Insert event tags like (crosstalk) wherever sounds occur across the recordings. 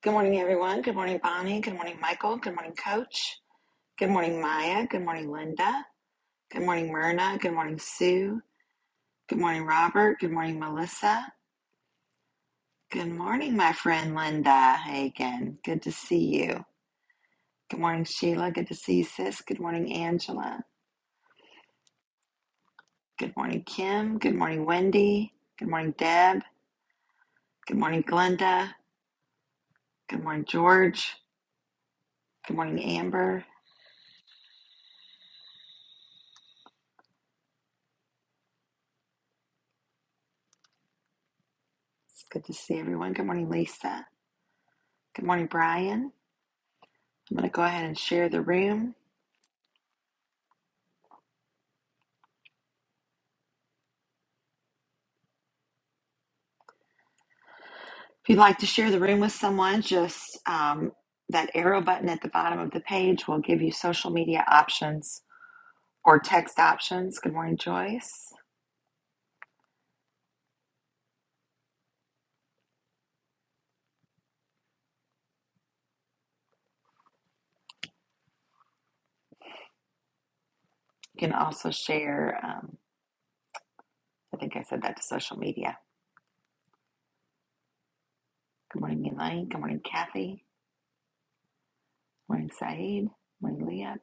Good morning, everyone. Good morning, Bonnie. Good morning, Michael. Good morning, Coach. Good morning, Maya. Good morning, Linda. Good morning, Myrna. Good morning, Sue. Good morning, Robert. Good morning, Melissa. Good morning, my friend Linda Hagen. Good to see you. Good morning, Sheila. Good to see you, sis. Good morning, Angela. Good morning, Kim. Good morning, Wendy. Good morning, Deb. Good morning, Glenda. Good morning, George. Good morning, Amber. It's good to see everyone. Good morning, Lisa. Good morning, Brian. I'm going to go ahead and share the room. If you'd like to share the room with someone, just um, that arrow button at the bottom of the page will give you social media options or text options. Good morning, Joyce. You can also share, um, I think I said that to social media. Good morning, Elaine. Good morning, Kathy. Good morning, Saeed. Good morning, Leah.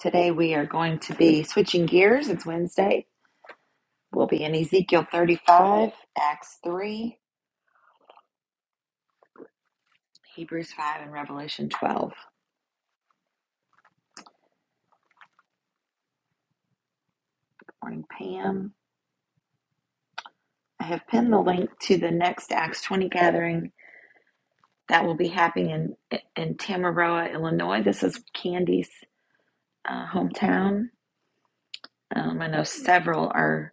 Today we are going to be switching gears. It's Wednesday. We'll be in Ezekiel 35, Acts 3, Hebrews 5, and Revelation 12. Good morning, Pam. I have pinned the link to the next Acts 20 gathering that will be happening in, in Tamaroa, Illinois. This is Candy's uh, hometown. Um, I know several are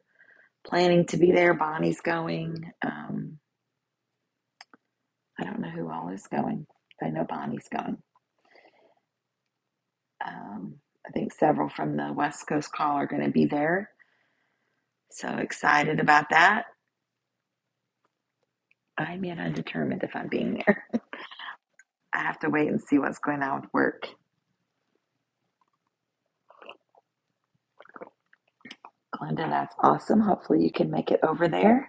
planning to be there. Bonnie's going. Um, I don't know who all is going, but I know Bonnie's going. Um, I think several from the West Coast Call are going to be there. So excited about that. I'm yet undetermined if I'm being there. (laughs) I have to wait and see what's going on with work. Glenda, that's awesome. Hopefully, you can make it over there.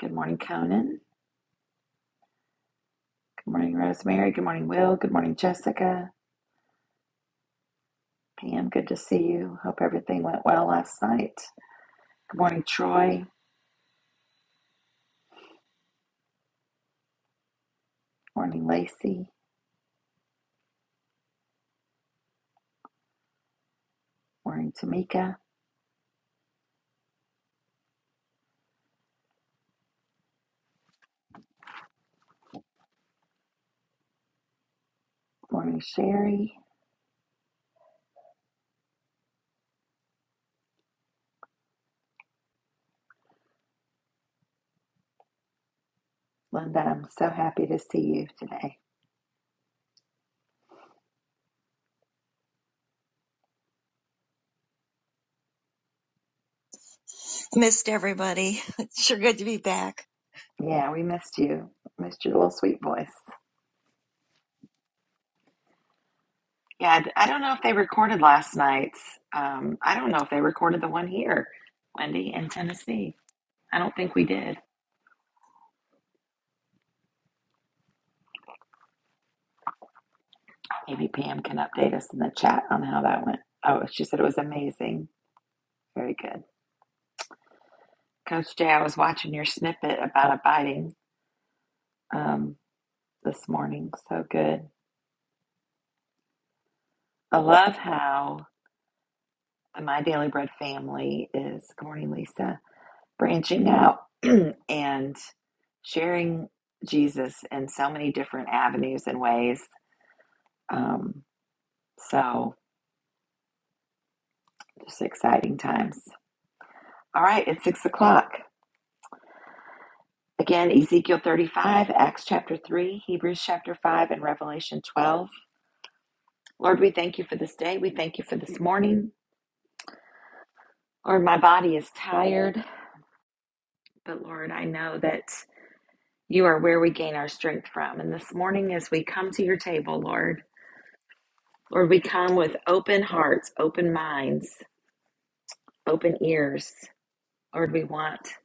Good morning, Conan. Good morning, Rosemary. Good morning, Will. Good morning, Jessica. Pam, good to see you. Hope everything went well last night. Good morning, Troy. Morning, Lacey. Morning, Tamika. Morning, Sherry. Linda, I'm so happy to see you today. missed everybody. (laughs) It's sure good to be back. Yeah, we missed you. Missed your little sweet voice. Yeah, I d- I don't know if they recorded last night's. Um, I don't know if they recorded the one here, Wendy, in Tennessee. I don't think we did. Maybe Pam can update us in the chat on how that went. Oh, she said it was amazing. Very good. Coach Jay, I was watching your snippet about abiding um, this morning. So good. I love how the My Daily Bread family is, good morning, Lisa, branching out (clears throat) and sharing Jesus in so many different avenues and ways. Um, so just exciting times. All right, it's six o'clock. Again, Ezekiel 35, Acts chapter 3, Hebrews chapter 5, and Revelation 12. Lord, we thank you for this day. We thank you for this morning. Lord, my body is tired, but Lord, I know that you are where we gain our strength from. And this morning, as we come to your table, Lord, Lord, we come with open hearts, open minds, open ears. Lord, we want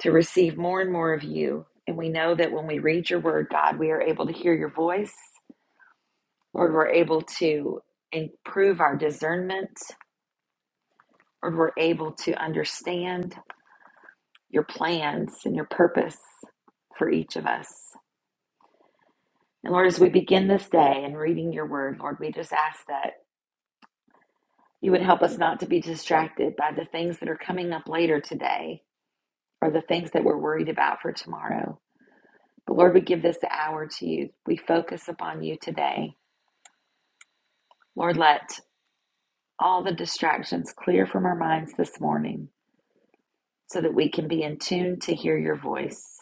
to receive more and more of you. And we know that when we read your word, God, we are able to hear your voice Lord, we're able to improve our discernment. Lord, we're able to understand your plans and your purpose for each of us. And Lord, as we begin this day and reading your word, Lord, we just ask that you would help us not to be distracted by the things that are coming up later today or the things that we're worried about for tomorrow. But Lord, we give this hour to you. We focus upon you today. Lord, let all the distractions clear from our minds this morning. so that we can be in tune to hear your voice.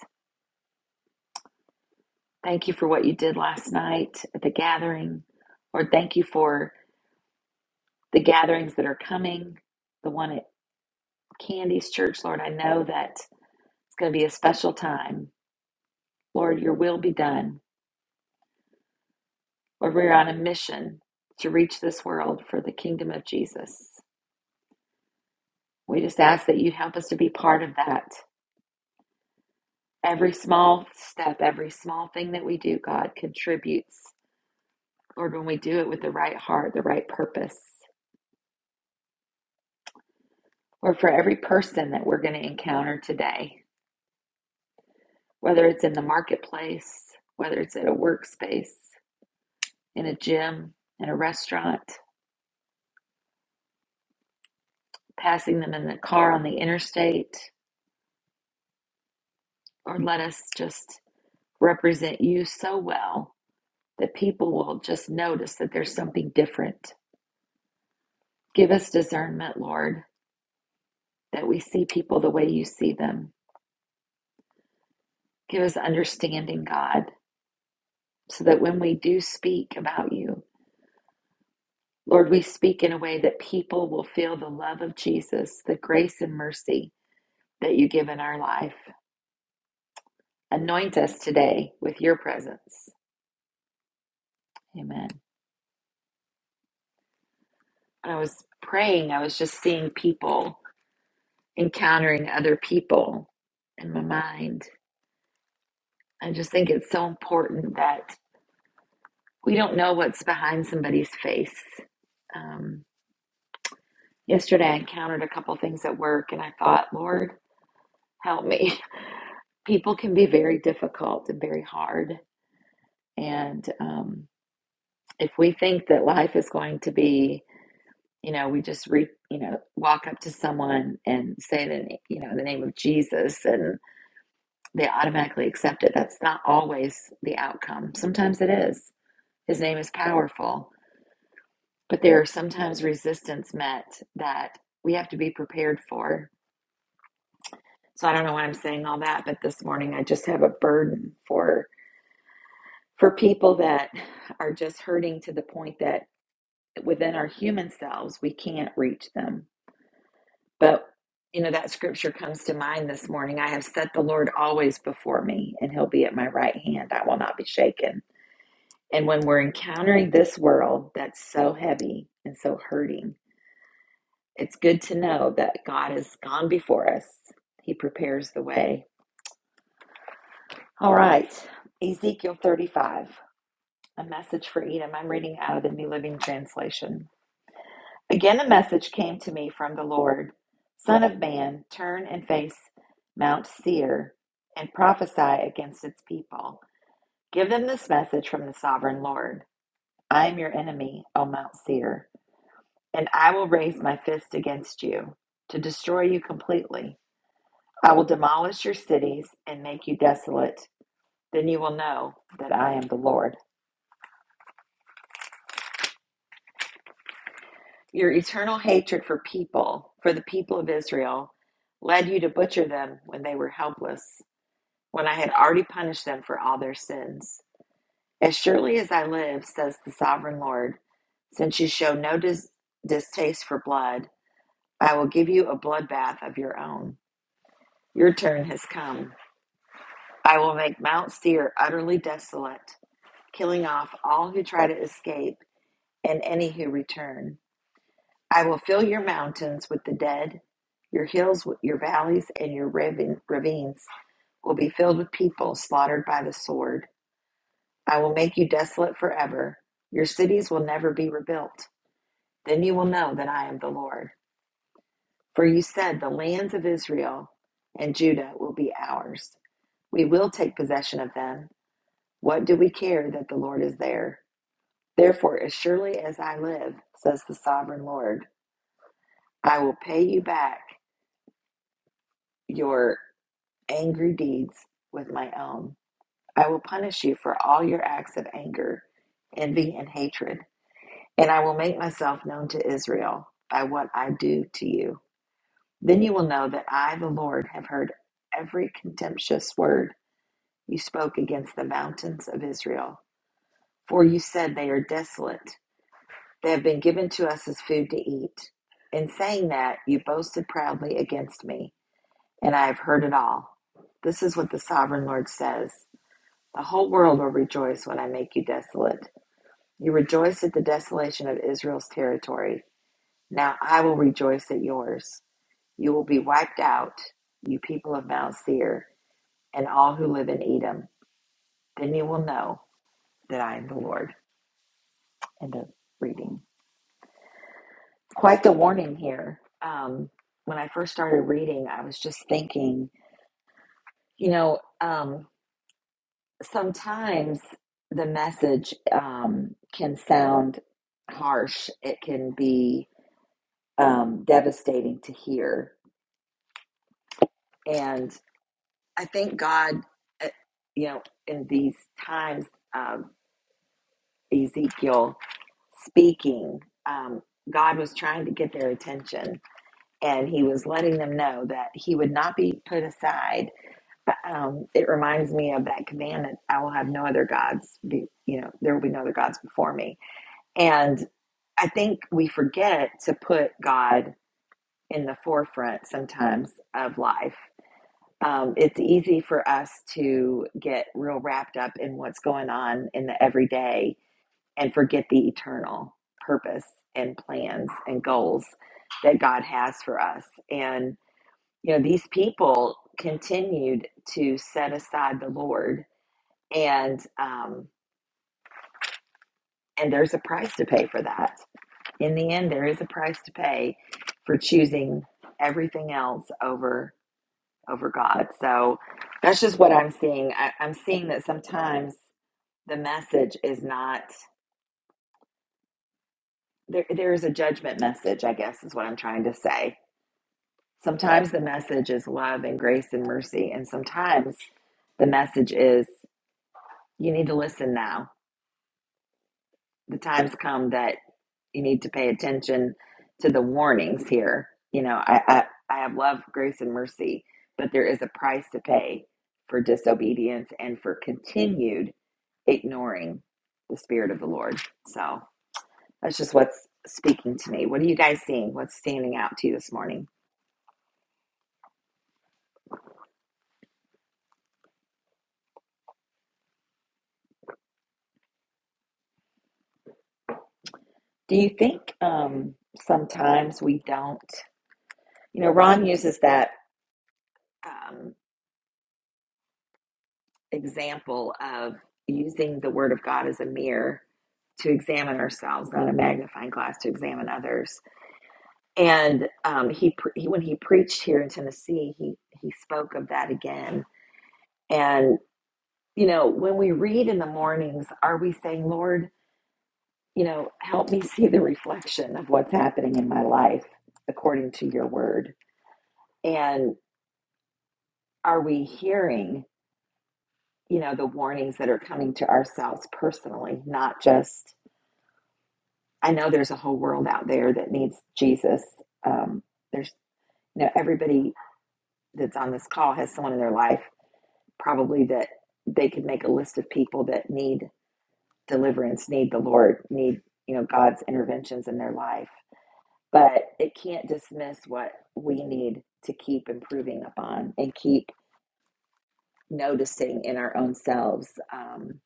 Thank you for what you did last night at the gathering. Lord, thank you for the gatherings that are coming, the one at Candy's Church. Lord, I know that it's going to be a special time. Lord, your will be done. Lord, we're on a mission to reach this world for the kingdom of Jesus. We just ask that you help us to be part of that. Every small step, every small thing that we do, God, contributes Lord, when we do it with the right heart, the right purpose. Or for every person that we're going to encounter today, whether it's in the marketplace, whether it's at a workspace, in a gym, in a restaurant, passing them in the car on the interstate, or let us just represent you so well that people will just notice that there's something different. Give us discernment, Lord, that we see people the way you see them. Give us understanding, God, so that when we do speak about you, Lord, we speak in a way that people will feel the love of Jesus, the grace and mercy that you give in our life. Anoint us today with your presence. Amen. When I was praying, I was just seeing people encountering other people in my mind. I just think it's so important that we don't know what's behind somebody's face. Um, yesterday, I encountered a couple things at work, and I thought, Lord, help me. (laughs) people can be very difficult and very hard. And um, if we think that life is going to be, you know, we just re, you know, walk up to someone and say the, you know, the name of Jesus, and they automatically accept it. That's not always the outcome. Sometimes it is. His name is powerful, but there are sometimes resistance met that we have to be prepared for. So I don't know why I'm saying all that, but this morning I just have a burden for for people that are just hurting to the point that within our human selves, we can't reach them. But, you know, that scripture comes to mind this morning. I have set the Lord always before me, and he'll be at my right hand. I will not be shaken. And when we're encountering this world that's so heavy and so hurting, it's good to know that God has gone before us, he prepares the way. All right, Ezekiel 35, a message for Edom. I'm reading out of the New Living Translation. Again, a message came to me from the Lord Son of man, turn and face Mount Seir and prophesy against its people. Give them this message from the sovereign Lord I am your enemy, O Mount Seir, and I will raise my fist against you to destroy you completely. I will demolish your cities and make you desolate. Then you will know that I am the Lord. Your eternal hatred for people, for the people of Israel, led you to butcher them when they were helpless. when I had already punished them for all their sins. As surely as I live, says the sovereign Lord, since you show no dis- distaste for blood, I will give you a bloodbath of your own. Your turn has come. I will make Mount Seir utterly desolate, killing off all who try to escape and any who return. I will fill your mountains with the dead, your hills, your valleys, and your ravines will be filled with people slaughtered by the sword. I will make you desolate forever. Your cities will never be rebuilt. Then you will know that I am the Lord. For you said, The lands of Israel and Judah will be ours. We will take possession of them. What do we care that the Lord is there? Therefore, as surely as I live, says the sovereign Lord, I will pay you back your angry deeds with my own. I will punish you for all your acts of anger, envy, and hatred. And I will make myself known to Israel by what I do to you. Then you will know that I, the Lord, have heard every contemptuous word you spoke against the mountains of Israel. For you said they are desolate, they have been given to us as food to eat. In saying that, you boasted proudly against me, and I have heard it all. This is what the sovereign Lord says The whole world will rejoice when I make you desolate. You rejoice at the desolation of Israel's territory Now I will rejoice at yours. You will be wiped out, you people of Mount Seir, and all who live in Edom. Then you will know that I am the Lord. End of reading. Quite the warning here. Um, when I first started reading, I was just thinking, you know, um, sometimes the message um, can sound harsh, it can be um, devastating to hear. and. I thank God, uh, you know, in these times of Ezekiel speaking, um, God was trying to get their attention and he was letting them know that he would not be put aside. But um, it reminds me of that commandment I will have no other gods, be, you know, there will be no other gods before me. And I think we forget to put God in the forefront sometimes of life um, it's easy for us to get real wrapped up in what's going on in the everyday and forget the eternal purpose and plans and goals that God has for us. And, you know, these people continued to set aside the Lord and, um, and there's a price to pay for that. In the end, there is a price to pay for choosing everything else over over God. So that's just what I'm seeing. I, I'm seeing that sometimes the message is not there. There is a judgment message, I guess, is what I'm trying to say. Sometimes the message is love and grace and mercy, and sometimes the message is you need to listen now the times come that you need to pay attention to the warnings here. You know, I, I, I have love, grace, and mercy, but there is a price to pay for disobedience and for continued ignoring the Spirit of the Lord. So that's just what's speaking to me. What are you guys seeing? What's standing out to you this morning? Do you think um, sometimes we don't? You know, Ron uses that. um, example of using the Word of God as a mirror to examine ourselves, not a magnifying glass to examine others. And um, he, he, when he preached here in Tennessee, he he spoke of that again. And you know, when we read in the mornings, are we saying, Lord, you know, help me see the reflection of what's happening in my life according to Your Word? And are we hearing, you know, the warnings that are coming to ourselves personally, not just I know there's a whole world out there that needs Jesus. Um, there's, you know, everybody that's on this call has someone in their life probably that they could make a list of people that need deliverance, need the Lord, need, you know, God's interventions in their life. But it can't dismiss what we need to keep improving upon and keep noticing in our own selves. Um,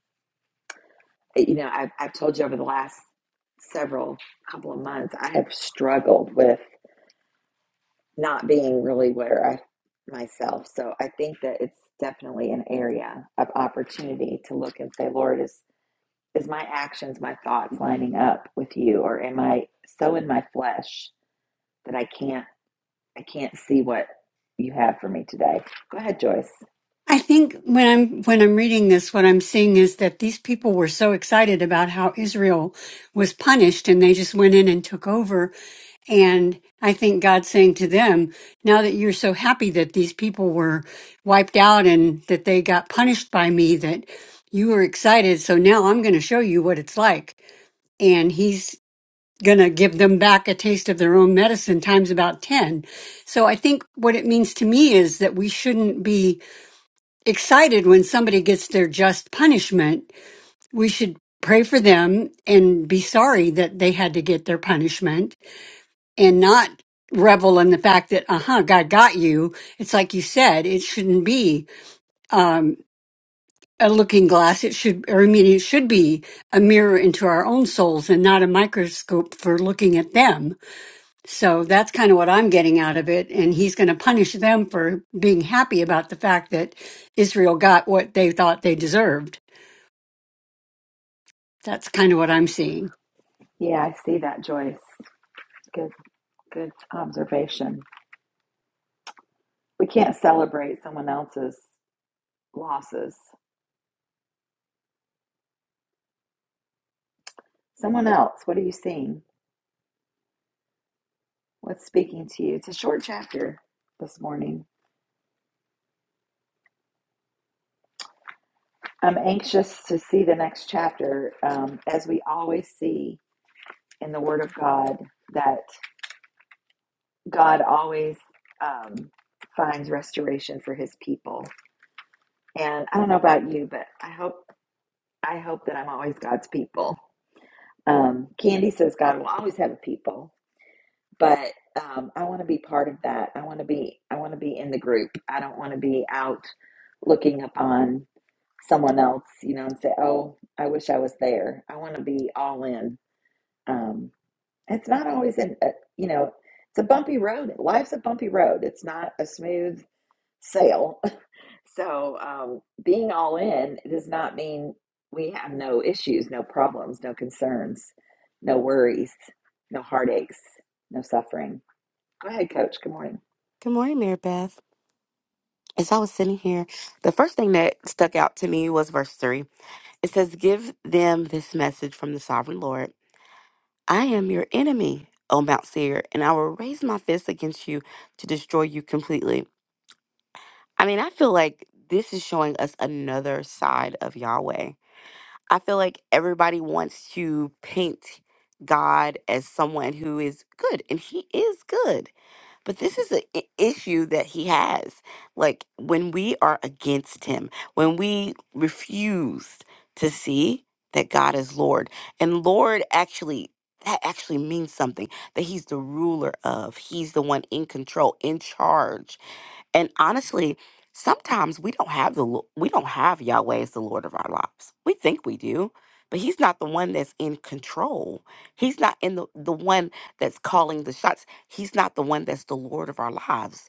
you know, I've, I've told you over the last several couple of months, I have struggled with not being really where I myself. So I think that it's definitely an area of opportunity to look and say, Lord, is is my actions, my thoughts lining up with you, or am I so in my flesh that I can't I can't see what you have for me today? Go ahead, Joyce. I think when I'm when I'm reading this, what I'm seeing is that these people were so excited about how Israel was punished, and they just went in and took over. And I think God's saying to them, now that you're so happy that these people were wiped out and that they got punished by me, that you were excited. So now I'm going to show you what it's like. And he's going to give them back a taste of their own medicine times about 10. So I think what it means to me is that we shouldn't be excited when somebody gets their just punishment, we should pray for them and be sorry that they had to get their punishment and not revel in the fact that, uh huh, God got you. It's like you said, it shouldn't be, um, a looking glass. It should, or I mean, it should be a mirror into our own souls and not a microscope for looking at them. So that's kind of what I'm getting out of it. And he's going to punish them for being happy about the fact that Israel got what they thought they deserved. That's kind of what I'm seeing. Yeah, I see that, Joyce. Good good observation. We can't celebrate someone else's losses. Someone else, what are you seeing? What's speaking to you? It's a short chapter this morning. I'm anxious to see the next chapter. Um, as we always see in the Word of God, that God always um, finds restoration for His people. And I don't know about you, but I hope I hope that I'm always God's people. Um, Candy says God will always have a people, but um, I want to be part of that. I want to be I want to be in the group. I don't want to be out looking upon someone else, you know, and say, "Oh, I wish I was there." I want to be all in Um, it's not always an, a, you know, it's a bumpy road. Life's a bumpy road. It's not a smooth sail. (laughs) so um, being all in does not mean we have no issues, no problems, no concerns, no worries, no heartaches, no suffering. Go ahead, Coach. Good morning. Good morning, Mary Beth. As I was sitting here, the first thing that stuck out to me was verse 3. It says, Give them this message from the sovereign Lord I am your enemy, O Mount Seir, and I will raise my fist against you to destroy you completely. I mean, I feel like this is showing us another side of Yahweh. I feel like everybody wants to paint God as someone who is good, and He is good. But this is an issue that he has. Like when we are against him, when we refuse to see that God is Lord, and Lord actually. That actually means something that he's the ruler of. He's the one in control, in charge. And honestly, sometimes we don't have the Lo- we don't have Yahweh as the Lord of our lives. We think we do, but He's not the one that's in control. He's not in the the one that's calling the shots. He's not the one that's the Lord of our lives.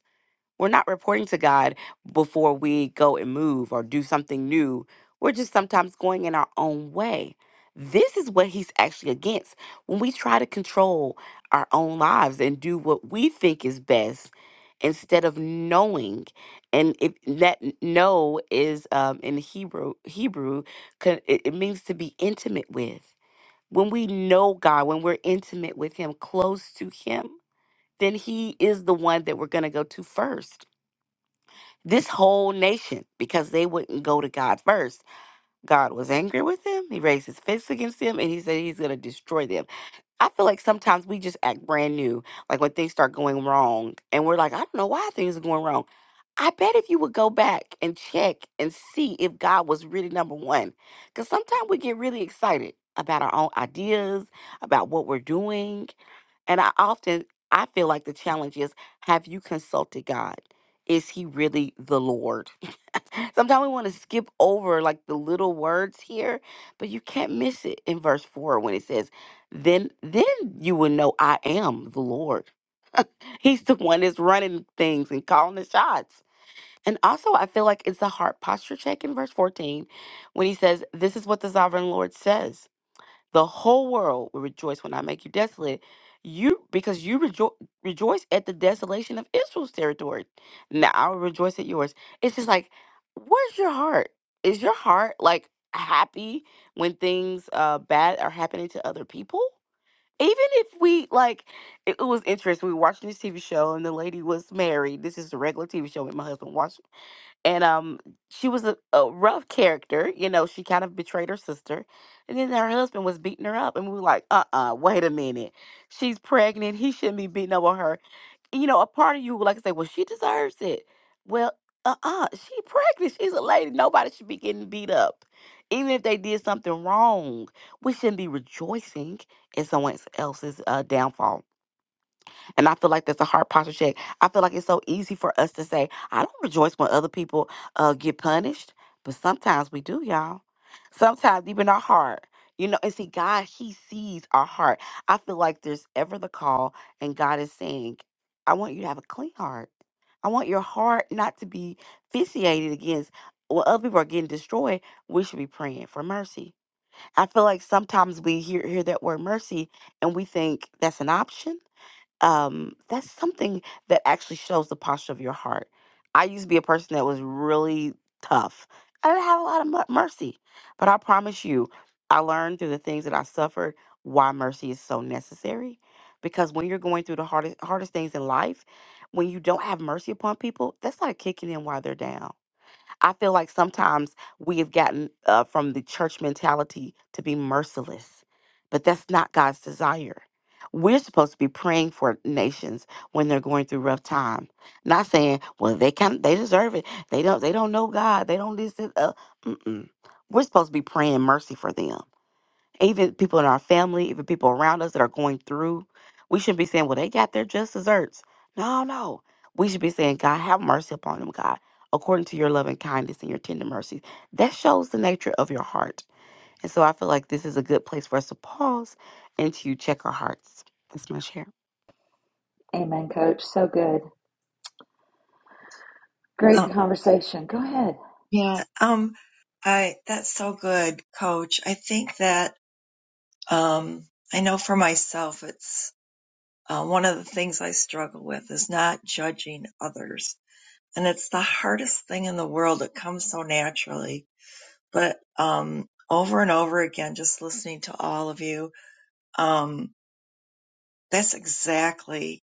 We're not reporting to God before we go and move or do something new. We're just sometimes going in our own way. This is what he's actually against. When we try to control our own lives and do what we think is best instead of knowing, and if that n- know is um, in Hebrew, Hebrew, co- it it means to be intimate with when we know God, when we're intimate with Him, close to Him, then He is the one that we're going to go to first this whole nation because they wouldn't go to God first. God was angry with them. He raised his fist against them and he said he's going to destroy them. I feel like sometimes we just act brand new, like when things start going wrong and we're like, I don't know why things are going wrong. I bet if you would go back and check and see if God was really number one, because sometimes we get really excited about our own ideas, about what we're doing. And I often, I feel like the challenge is have you consulted God? Is he really the Lord? Sometimes we want to skip over like the little words here, but you can't miss it in verse 4 when it says, "Then then you will know I am the Lord." He's the one that's running things and calling the shots. And also, I feel like it's a heart posture check in verse 14 when he says, "This is what the sovereign Lord says." the whole world will rejoice when I make you desolate. You because you rejo- rejoice at the desolation of Israel's territory. Now I will rejoice at yours. It's just like, where's your heart? Is your heart like happy when things uh bad are happening to other people? Even if we like, it, it was interesting. We watched this TV show and the lady was married. This is a regular TV show that my husband watched and um she was a, a rough character you know she kind of betrayed her sister and then her husband was beating her up and we were like uh-uh wait a minute she's pregnant he shouldn't be beating up on her And, you know a part of you would like to say well she deserves it well uh-uh she pregnant she's a lady nobody should be getting beat up even if they did something wrong we shouldn't be rejoicing in someone else's uh, downfall and I feel like that's a hard posture check. I feel like it's so easy for us to say, I don't rejoice when other people uh, get punished, but sometimes we do, y'all. Sometimes, even our heart, you know, and see, God, He sees our heart. I feel like there's ever the call, and God is saying, I want you to have a clean heart. I want your heart not to be vitiated against when other people are getting destroyed. We should be praying for mercy. I feel like sometimes we hear, hear that word mercy and we think that's an option um, that's something that actually shows the posture of your heart. I used to be a person that was really tough. I didn't have a lot of mu- mercy, but I promise you, I learned through the things that I suffered why mercy is so necessary. Because when you're going through the hardest hardest things in life, when you don't have mercy upon people, that's like kicking in while they're down I feel like sometimes we have gotten uh, from the church mentality to be merciless, but that's not God's desire. We're supposed to be praying for nations when they're going through rough time. Not saying, well, they can they deserve it. They don't they don't know God. They don't listen. Uh, mm-mm. We're supposed to be praying mercy for them even people in our family, even people around us that are going through, we shouldn't be saying, well, they got their just desserts. No, no. We should be saying, God, have mercy upon them, God, according to your loving kindness and your tender mercies. That shows the nature of your heart. And so I feel like this is a good place for us to pause and to check our hearts. That's my share. Amen, Coach. So good. Great Oh, conversation. Go ahead. yeah. Um, I, that's so good, coach. I think that, um, I know for myself, it's, uh, one of the things I struggle with is not judging others. And it's the hardest thing in the world. It comes so naturally, but, um, over and over again, just listening to all of you, um, that's exactly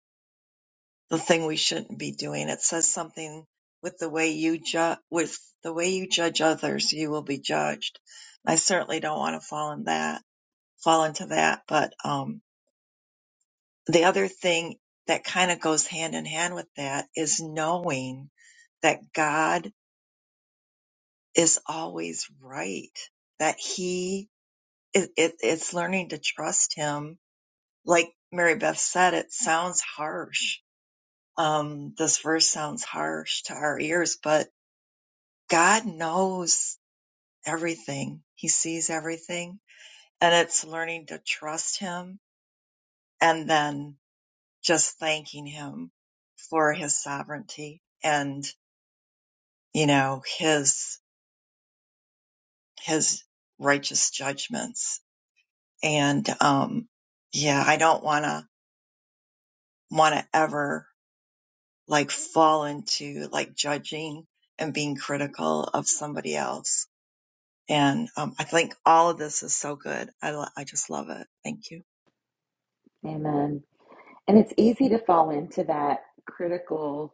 the thing we shouldn't be doing. It says something with the way you judge with the way you judge others, you will be judged. I certainly don't want to fall in that fall into that. But um, the other thing that kind of goes hand in hand with that is knowing that God is always right. That He it, it, it's learning to trust Him. Like Mary Beth said, it sounds harsh. Um, this verse sounds harsh to our ears, but God knows everything. He sees everything. And it's learning to trust Him and then just thanking Him for His sovereignty and, you know, His, His righteous judgments. And, um, yeah, I don't want to, want to ever like fall into like judging and being critical of somebody else. And, um, I think all of this is so good. I, lo- I just love it. Thank you. Amen. And it's easy to fall into that critical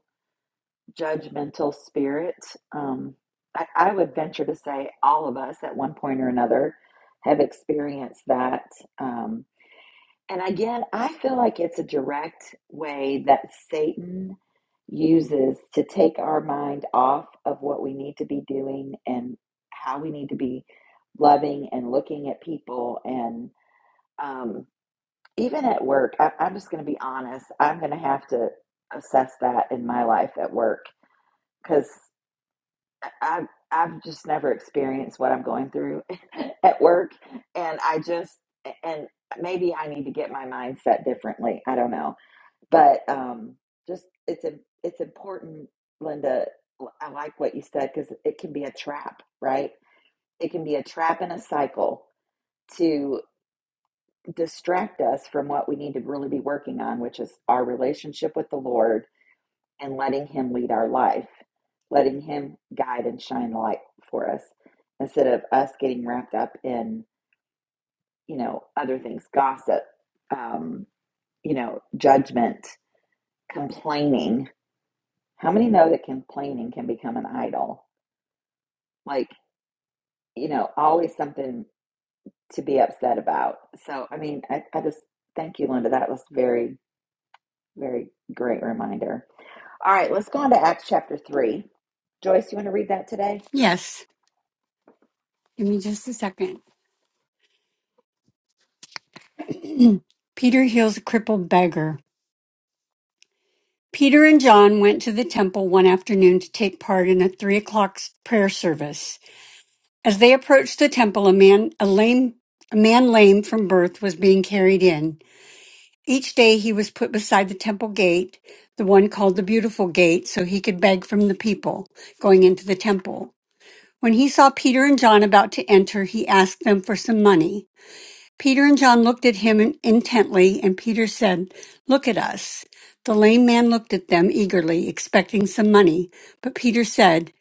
judgmental spirit. Um, I, I would venture to say all of us at one point or another have experienced that. Um, and again, I feel like it's a direct way that Satan uses to take our mind off of what we need to be doing and how we need to be loving and looking at people. And um, even at work, I, I'm just going to be honest, I'm going to have to assess that in my life at work because I've I've just never experienced what I'm going through (laughs) at work, and I just and maybe I need to get my mindset differently. I don't know, but um, just it's a it's important, Linda. I like what you said because it can be a trap, right? It can be a trap and a cycle to distract us from what we need to really be working on, which is our relationship with the Lord and letting Him lead our life, letting Him guide and shine light for us instead of us getting wrapped up in, you know, other things, gossip, um, you know, judgment, complaining. How many know that complaining can become an idol? Like, you know, always something to be upset about. So, I mean, I, I just thank you, Linda. That was very, very great reminder. All right, let's go on to Acts chapter 3. Joyce, you want to read that today? Yes. Give me just a second. Peter heals a crippled beggar. Peter and John went to the temple one afternoon to take part in a three o'clock prayer service. As they approached the temple, a man, a lame, a man lame from birth was being carried in. Each day he was put beside the temple gate, the one called the beautiful gate, so he could beg from the people going into the temple. When he saw Peter and John about to enter, he asked them for some money. Peter and John looked at him in- intently, and Peter said, Look at us. The lame man looked at them eagerly, expecting some money. But Peter said,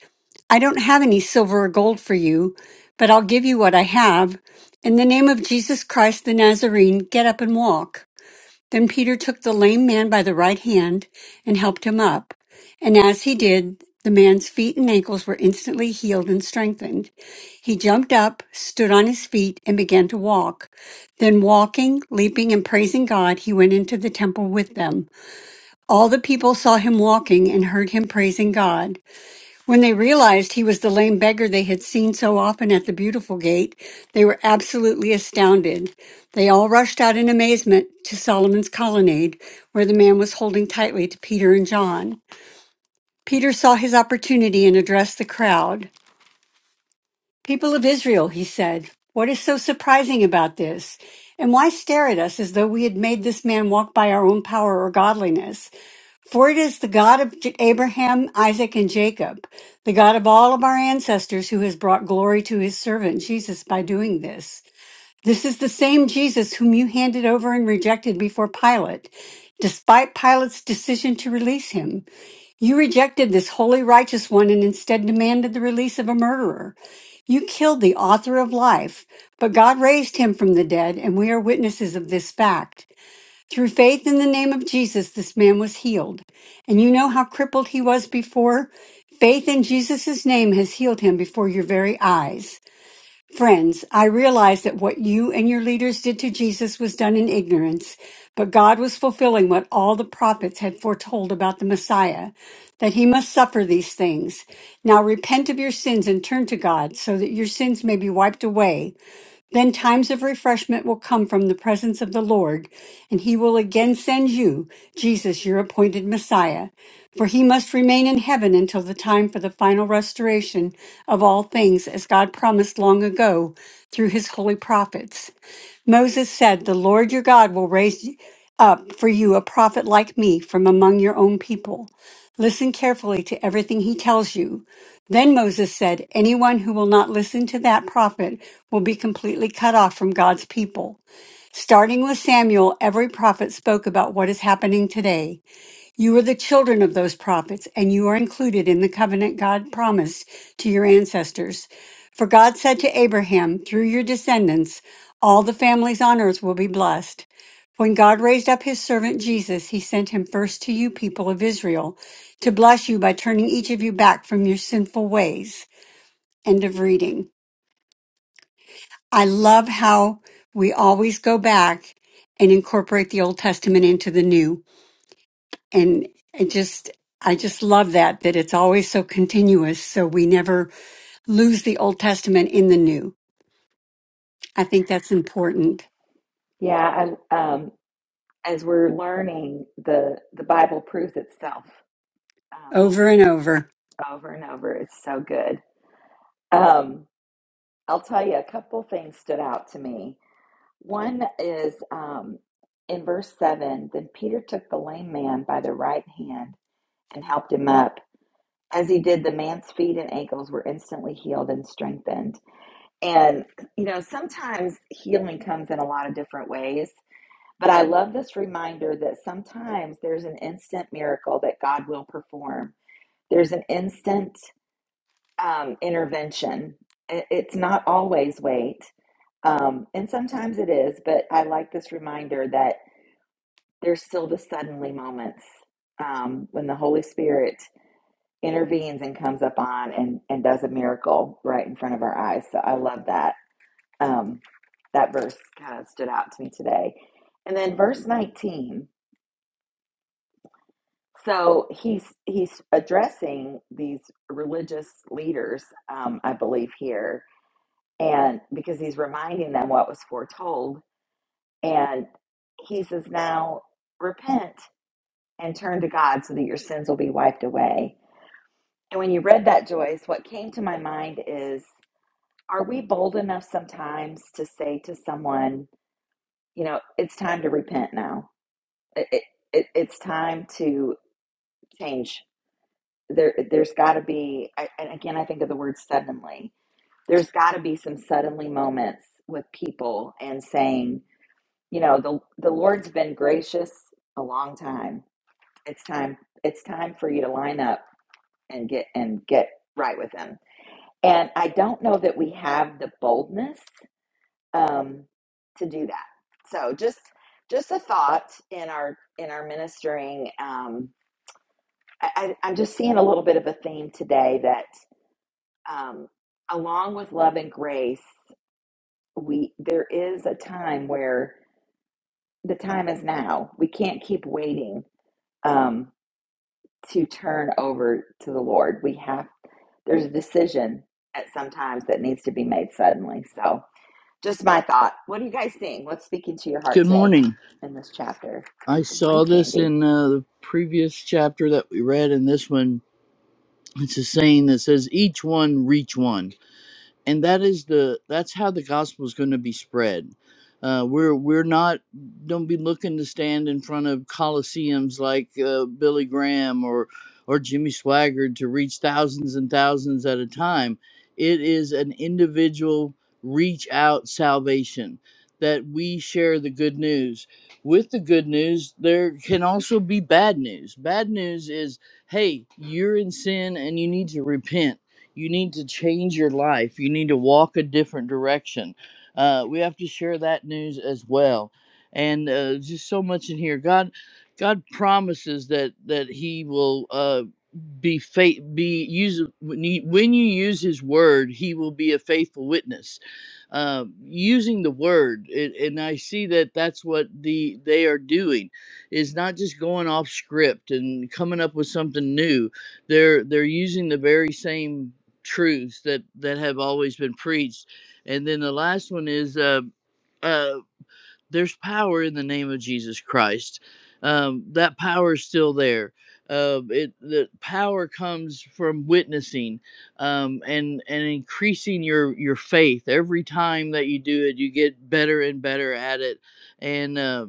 I don't have any silver or gold for you, but I'll give you what I have. In the name of Jesus Christ the Nazarene, get up and walk. Then Peter took the lame man by the right hand and helped him up. And as he did, the man's feet and ankles were instantly healed and strengthened. He jumped up, stood on his feet, and began to walk. Then, walking, leaping, and praising God, he went into the temple with them. All the people saw him walking and heard him praising God. When they realized he was the lame beggar they had seen so often at the Beautiful Gate, they were absolutely astounded. They all rushed out in amazement to Solomon's colonnade, where the man was holding tightly to Peter and John. Peter saw his opportunity and addressed the crowd. People of Israel, he said, what is so surprising about this? And why stare at us as though we had made this man walk by our own power or godliness? For it is the God of J- Abraham, Isaac, and Jacob, the God of all of our ancestors who has brought glory to his servant Jesus by doing this. This is the same Jesus whom you handed over and rejected before Pilate, despite Pilate's decision to release him. You rejected this holy, righteous one and instead demanded the release of a murderer. You killed the author of life, but God raised him from the dead, and we are witnesses of this fact. Through faith in the name of Jesus, this man was healed. And you know how crippled he was before? Faith in Jesus' name has healed him before your very eyes. Friends, I realize that what you and your leaders did to Jesus was done in ignorance, but God was fulfilling what all the prophets had foretold about the Messiah, that he must suffer these things. Now repent of your sins and turn to God so that your sins may be wiped away. Then times of refreshment will come from the presence of the Lord, and he will again send you, Jesus, your appointed Messiah. For he must remain in heaven until the time for the final restoration of all things, as God promised long ago through his holy prophets. Moses said, The Lord your God will raise up for you a prophet like me from among your own people. Listen carefully to everything he tells you. Then Moses said, Anyone who will not listen to that prophet will be completely cut off from God's people. Starting with Samuel, every prophet spoke about what is happening today. You are the children of those prophets, and you are included in the covenant God promised to your ancestors. For God said to Abraham, Through your descendants, all the families on earth will be blessed. When God raised up his servant Jesus, he sent him first to you, people of Israel, to bless you by turning each of you back from your sinful ways. End of reading. I love how we always go back and incorporate the Old Testament into the new. and it just I just love that that it's always so continuous so we never lose the Old Testament in the new. I think that's important Yeah, I, um, as we're learning, the the Bible proves itself um, over and over. over and over. It's so good. Um, I'll tell you, a couple things stood out to me. One is um, in verse seven. Then Peter took the lame man by the right hand. and helped him up. As he did, the man's feet and ankles were instantly healed and strengthened. And, you know, sometimes healing comes in a lot of different ways, but I love this reminder that sometimes there's an instant miracle that God will perform, there's an instant um, intervention. I- It's not always wait, um, and sometimes it is, but I like this reminder that there's still the suddenly moments um, when the Holy Spirit intervenes and comes up on and, and does a miracle right in front of our eyes. So I love that. Um, that verse kind of stood out to me today. And then verse 19. So he's he's addressing these religious leaders, um, I believe here, and because he's reminding them what was foretold, and he says, "Now repent and turn to God, so that your sins will be wiped away." And when you read that, Joyce, what came to my mind is Are we bold enough sometimes to say to someone, you know, it's time to repent now. It, it, it, it's time to change. There, there's got to be, I- and again, I think of the word suddenly. There's got to be some suddenly moments with people and saying, you know, the the Lord's been gracious a long time. It's time. It's time for you to line up and get and get right with Him. And I don't know that we have the boldness um, to do that. So just just a thought in our in our ministering. Um, I, I, I'm just seeing a little bit of a theme today that um, along with love and grace, we there is a time where the time is now. We can't keep waiting um, to turn over to the Lord. We have there's a decision at sometimes that needs to be made suddenly. So Just my thought. What are you guys seeing? What's speaking to your heart Good today morning. in this chapter? I Good morning, saw this Candy. in uh, the previous chapter that we read, and this one, it's a saying that says, Each one reach one and that is the that's how the gospel is going to be spread uh, we're we're not don't be looking to stand in front of coliseums like uh, billy graham or or jimmy swaggart to reach thousands and thousands at a time it is an individual reach out salvation that we share the good news with the good news there can also be bad news bad news is hey you're in sin and you need to repent you need to change your life. You need to walk a different direction. Uh, we have to share that news as well. And uh, just so much in here. God, God promises that that He will. Uh, be faith be use when you, when you use his word he will be a faithful witness uh, using the word it, and i see that that's what the they are doing is not just going off script and coming up with something new they're they're using the very same truths that that have always been preached and then the last one is uh, uh there's power in the name of Jesus Christ. Um, that power is still there. Uh, it the power comes from witnessing um, and and increasing your your faith every time that you do it. You get better and better at it, and uh,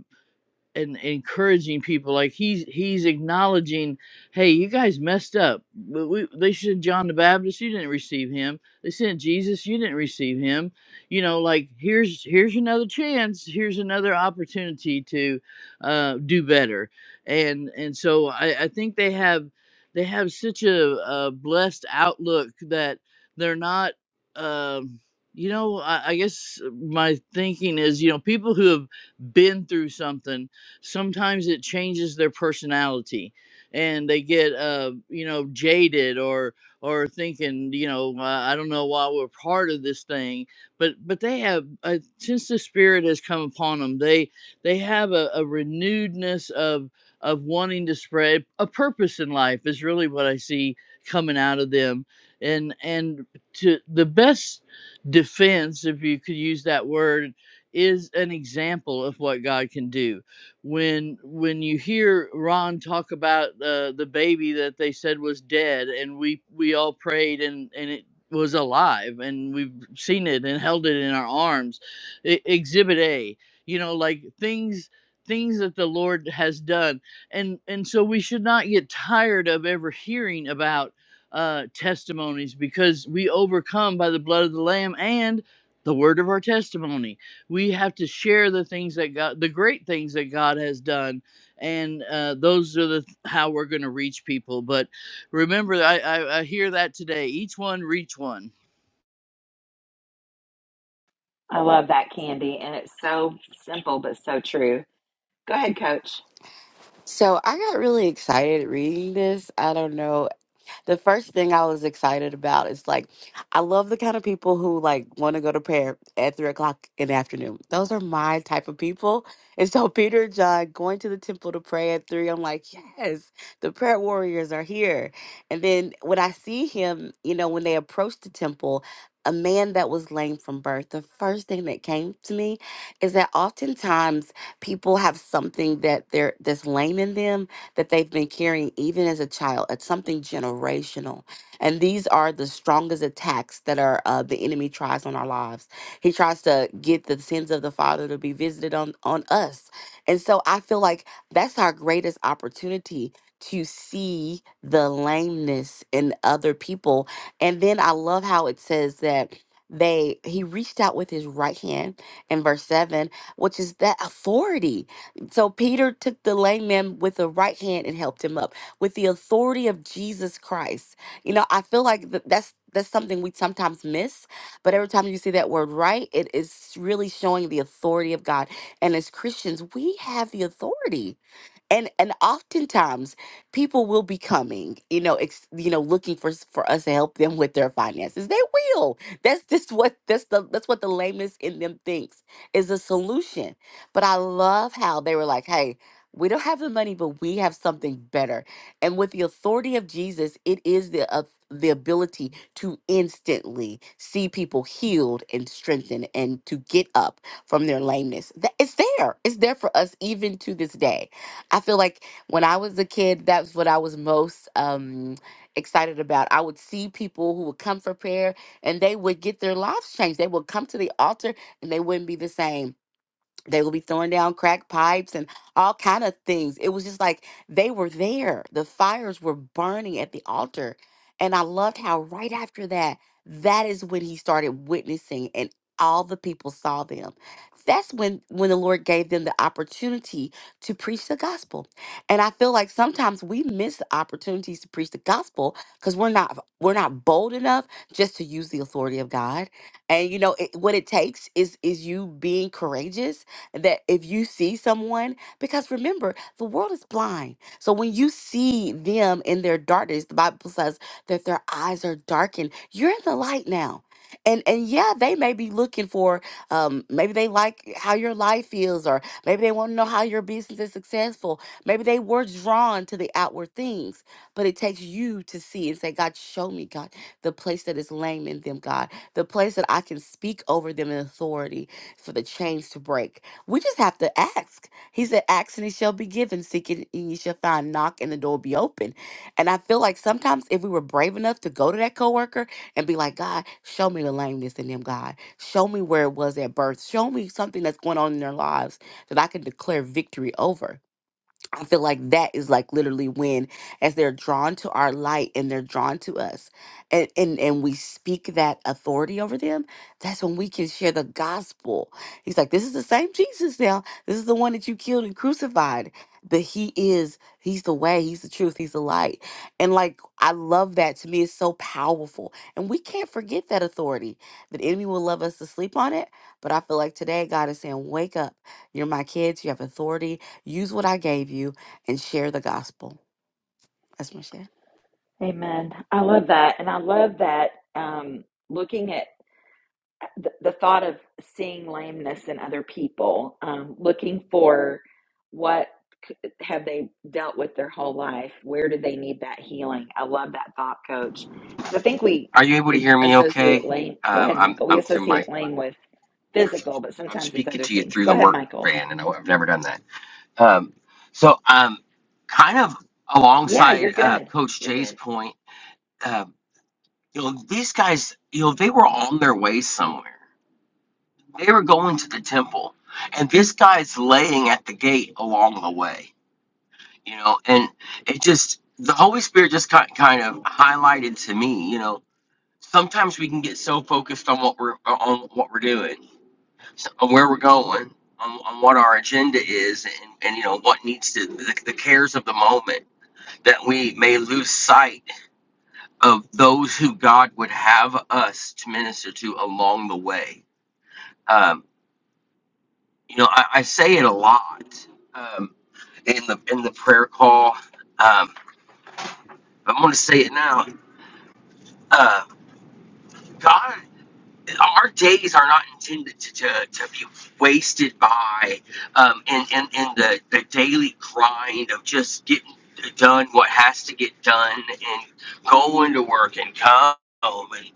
and encouraging people like he's he's acknowledging hey you guys messed up But we, they sent john the baptist you didn't receive him they sent jesus you didn't receive him you know like here's here's another chance here's another opportunity to uh, do better and and so I, I think they have they have such a, a blessed outlook that they're not um, you know I, I guess my thinking is you know people who have been through something sometimes it changes their personality and they get uh you know jaded or or thinking you know uh, i don't know why we're part of this thing but but they have uh, since the spirit has come upon them they they have a, a renewedness of of wanting to spread a purpose in life is really what i see coming out of them and and to the best defense if you could use that word is an example of what god can do when when you hear Ron talk about uh, the baby that they said was dead, and we we all prayed and and it was alive, and we've seen it and held it in our arms. E- exhibit A, you know, like things things that the Lord has done, and and so we should not get tired of ever hearing about uh, testimonies because we overcome by the blood of the Lamb and the word of our testimony we have to share the things that God, the great things that God has done, and uh, those are the how we're going to reach people. But remember, I, I I hear that today. Each one reach one. I love that, Candy. And it's so simple, but so true. Go ahead, Coach. So I got really excited reading this. I don't know The first thing I was excited about is like, I love the kind of people who like want to go to prayer at three o'clock in the afternoon. Those are my type of people. And so (laughs) Peter and John going to the temple to pray at three. I'm like, yes, the prayer warriors are here. And then when I see him, you know, when they approach the temple, a man that was lame from birth, the first thing that came to me is that oftentimes people have something that they're that's lame in them that they've been carrying even as a child. It's something generational. And these are the strongest attacks that are uh, the enemy tries on our lives. He tries to get the sins of the father to be visited on, on us. And so I feel like that's our greatest opportunity to see the lameness in other people. And then I love how it says that they he reached out with his right hand in verse 7 which is that authority so Peter took the lame man with the right hand and helped him up with the authority of Jesus Christ. You know, I feel like th- that's that's something we sometimes miss, but every time you see that word right, it is really showing the authority of God. And as Christians, we have the authority and and oftentimes people will be coming you know ex, you know looking for s- for us to help them with their finances they will that's just what that's the that's what the lameness in them thinks is a solution but i love how they were like hey we don't have the money but we have something better and with the authority of jesus it is the uh, the ability to instantly see people healed and strengthened and to get up from their lameness that it's there it's there for us even to this day I feel like when I was a kid, that's what I was most um, excited about. I would see people who would come for prayer and they would get their lives changed. They would come to the altar and they wouldn't be the same they will be throwing down crack pipes and all kind of things it was just like they were there the fires were burning at the altar and i loved how right after that that is when he started witnessing and all the people saw them that's when when the lord gave them the opportunity to preach the gospel and i feel like sometimes we miss the opportunities to preach the gospel because we're not we're not bold enough just to use the authority of god and you know it, what it takes is is you being courageous that if you see someone, because remember, the world is blind. So when you see them in their darkness, the Bible says that their eyes are darkened. You're in the light now. And and yeah, they may be looking for um maybe they like how your life feels or maybe they want to know how your business is successful. Maybe they were drawn to the outward things, but it takes you to see and say, God, show me, God, the place that is lame in them, God, the place that I can speak over them in authority for the chains to break we just have to ask. He said, Ask and it shall be given, seek it and you shall find, knock and the door will be open. And I feel like sometimes if we were brave enough to go to that coworker and be like, God, show me the lameness in them, God. Show me where it was at birth. Show me something that's going on in their lives that I can declare victory over. I feel like that is like literally when as they're drawn to our light and they're drawn to us and, and and we speak that authority over them, that's when we can share the gospel. He's like, This is the same Jesus now. This is the one that you killed and crucified. But he is, he's the way, he's the truth, he's the light. And like I love that. To me, it's so powerful. And we can't forget that authority. The enemy will love us to sleep on it. But I feel like today God is saying, Wake up. You're my kids, you have authority Use what I gave you and share the gospel. That's my share. Amen. I love that. And I love that um, looking at the, the thought of seeing lameness in other people, um, looking for what have they dealt with their whole life? Where do they need that healing? I love that thought, Coach, because I think we Are you able to we hear me okay? associate lame. Go Um, ahead, I'm Michael. We I'm through my associate lame with physical, perfect. but I'm sometimes it's speaking other to you things. through Go the ahead, work Michael. van, and I- I've never done that. Um, so, um, kind of Yeah, alongside you're uh, good. Coach You're Jay's good. point, uh, you know, these guys, you know, they were on their way somewhere. They were going to the temple, and this guy's laying at the gate along the way. You know, and it just the Holy Spirit just kind kind of highlighted to me, you know, sometimes we can get so focused on what we're on what we're doing so um, where we're going on, on what our agenda is and, and you know what needs to the, the cares of the moment that we may lose sight of those who god would have us to minister to along the way um, you know I, I say it a lot um, in the in the prayer call um, but i'm going to say it now uh, god our days are not intended to, to, to be wasted by um, in, in, in the, the daily grind of just getting done what has to get done and going to work and come home and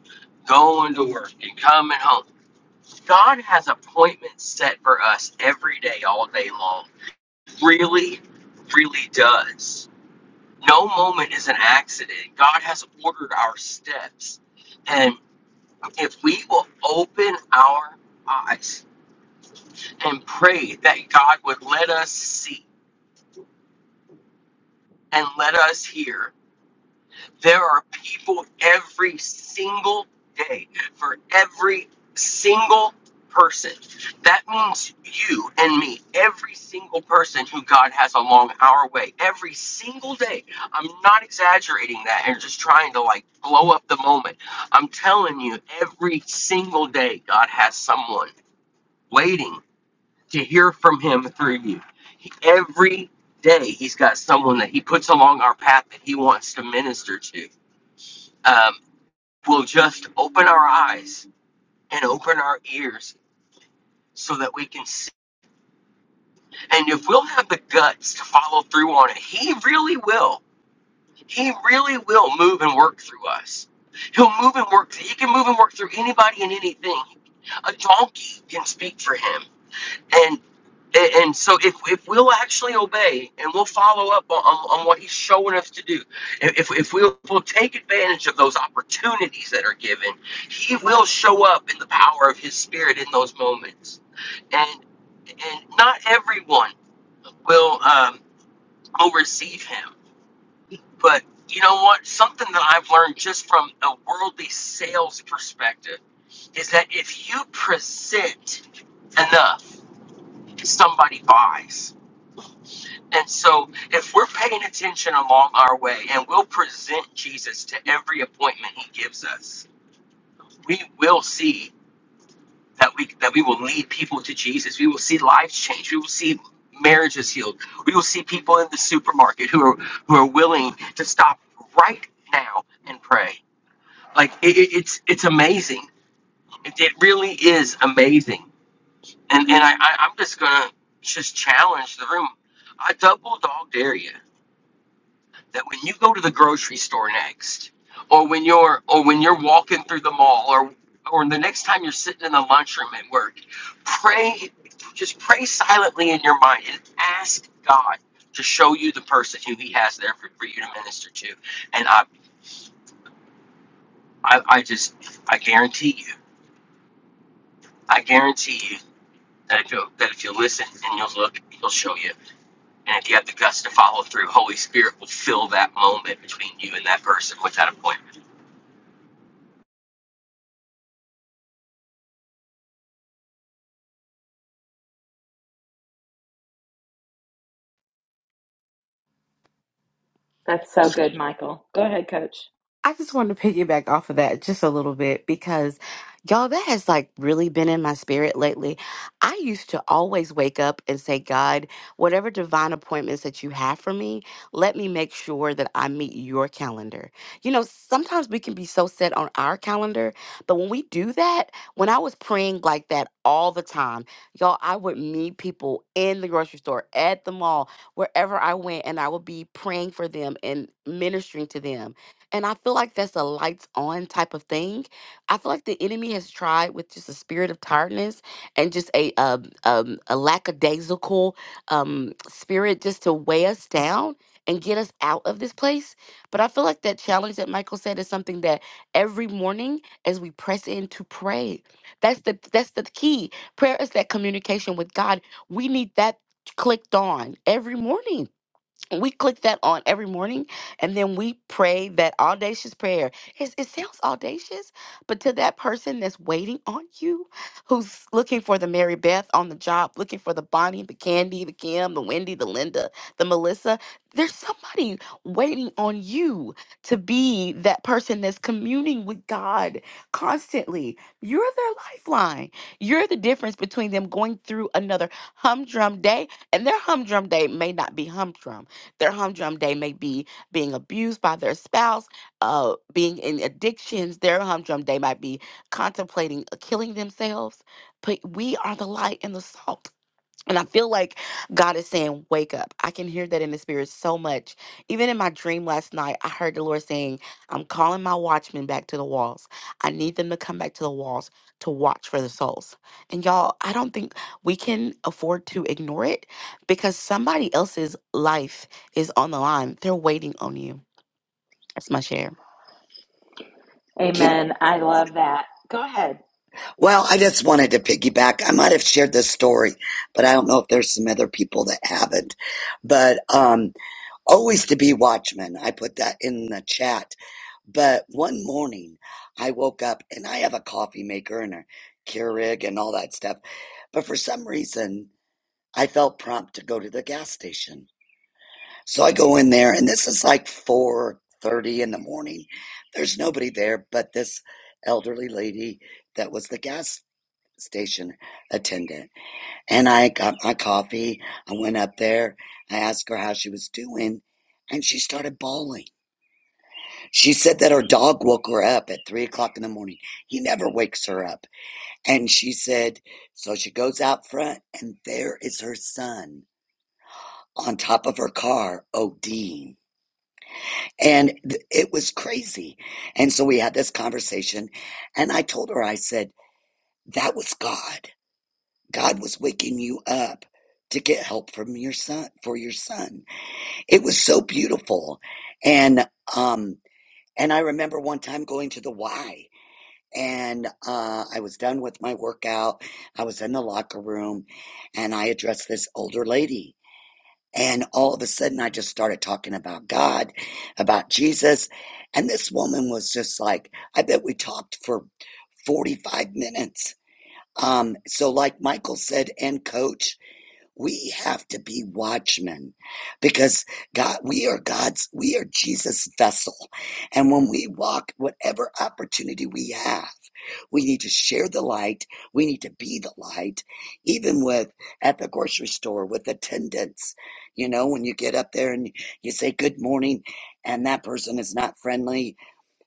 going to work and coming home. God has appointments set for us every day, all day long. Really, really does. No moment is an accident. God has ordered our steps. and if we will open our eyes and pray that God would let us see and let us hear, there are people every single day for every single person. That means you and me, every single person who God has along our way, every single day. I'm not exaggerating that and just trying to like blow up the moment. I'm telling you, every single day, God has someone waiting to hear from him through you. He, every day he's got someone that he puts along our path that he wants to minister to. Um, we'll just open our eyes and open our ears so that we can see. And if we'll have the guts to follow through on it, he really will. He really will move and work through us. He'll move and work. He can move and work through anybody and anything. A donkey can speak for him and. And, and so if, if we'll actually obey and we'll follow up on, on, on what he's showing us to do, if, if we'll, if we'll take advantage of those opportunities that are given, he will show up in the power of his spirit in those moments. And, and not everyone will, um, will receive him. But you know what? Something that I've learned just from a worldly sales perspective is that if you present enough, somebody buys And so, if we're paying attention along our way and we'll present Jesus to every appointment he gives us, we will see that we that we will lead people to Jesus. We will see lives change. We will see marriages healed. We will see people in the supermarket who are who are willing to stop right now and pray. Like it, it- it's it's amazing. It, it really is amazing. And and I, I I'm just gonna just challenge the room. I double dog dare you. that when you go to the grocery store next, or when you're or when you're walking through the mall, or or the next time you're sitting in the lunchroom at work, pray, just pray silently in your mind and ask God to show you the person who He has there for, for you to minister to. And I, I, I just, I guarantee you, I guarantee you that if you that if you listen and you'll look, He'll show you. And if you have the guts to follow through, Holy Spirit will fill that moment between you and that person with that appointment. That's so good, Michael. Go ahead, Coach. I just wanted to piggyback off of that just a little bit because y'all, that has like really been in my spirit lately. I used to always wake up and say, God, whatever divine appointments that you have for me, let me make sure that I meet your calendar. You know, sometimes we can be so set on our calendar, but when we do that, when I was praying like that all the time, y'all, I would meet people in the grocery store, at the mall, wherever I went, and I would be praying for them and ministering to them and I feel like that's a lights on type of thing. I feel like the enemy has tried with just a spirit of tiredness and just a um, um, a lackadaisical um, spirit just to weigh us down and get us out of this place. But I feel like that challenge that Michael said is something that every morning as we press in to pray, that's the that's the key. Prayer is that communication with God. We need that clicked on every morning we click that on every morning and then we pray that audacious prayer it's, it sounds audacious but to that person that's waiting on you who's looking for the mary beth on the job looking for the bonnie the candy the kim the wendy the linda the melissa there's somebody waiting on you to be that person that's communing with god constantly you're their lifeline you're the difference between them going through another humdrum day and their humdrum day may not be humdrum their humdrum day may be being abused by their spouse, uh, being in addictions. Their humdrum day might be contemplating uh, killing themselves. But we are the light and the salt. And I feel like God is saying, Wake up. I can hear that in the spirit so much. Even in my dream last night, I heard the Lord saying, I'm calling my watchmen back to the walls. I need them to come back to the walls to watch for the souls. And y'all, I don't think we can afford to ignore it because somebody else's life is on the line. They're waiting on you. That's my share. Can, Amen. I love that. Go ahead. well, I just wanted to piggyback. I might have shared this story, but I don't know if there's some other people that haven't. But um, always to be watchman. I put that in the chat. But one morning, I woke up and I have a coffee maker and a Keurig and all that stuff. But for some reason, I felt prompt to go to the gas station. So I go in there, and this is like four thirty in the morning. There's nobody there but this elderly lady that was the gas station attendant. And I got my coffee. I went up there. I asked her how she was doing, and she started bawling. She said that her dog woke her up at three o'clock in the morning. He never wakes her up. And she said, so she goes out front, and there is her son on top of her car, ODing. And th- it was crazy. And so we had this conversation, and I told her, I said, that was God. God was waking you up to get help from your son for your son. It was so beautiful. And um and I remember one time going to the Y and uh I was done with my workout. I was in the locker room and I addressed this older lady. And all of a sudden I just started talking about God, about Jesus. And this woman was just like, I bet we talked for 45 minutes. Um, so like Michael said, and coach, we have to be watchmen because God, we are God's, we are Jesus' vessel. And when we walk, whatever opportunity we have, we need to share the light. We need to be the light, even with at the grocery store with attendants. You know, when you get up there and you say good morning and that person is not friendly,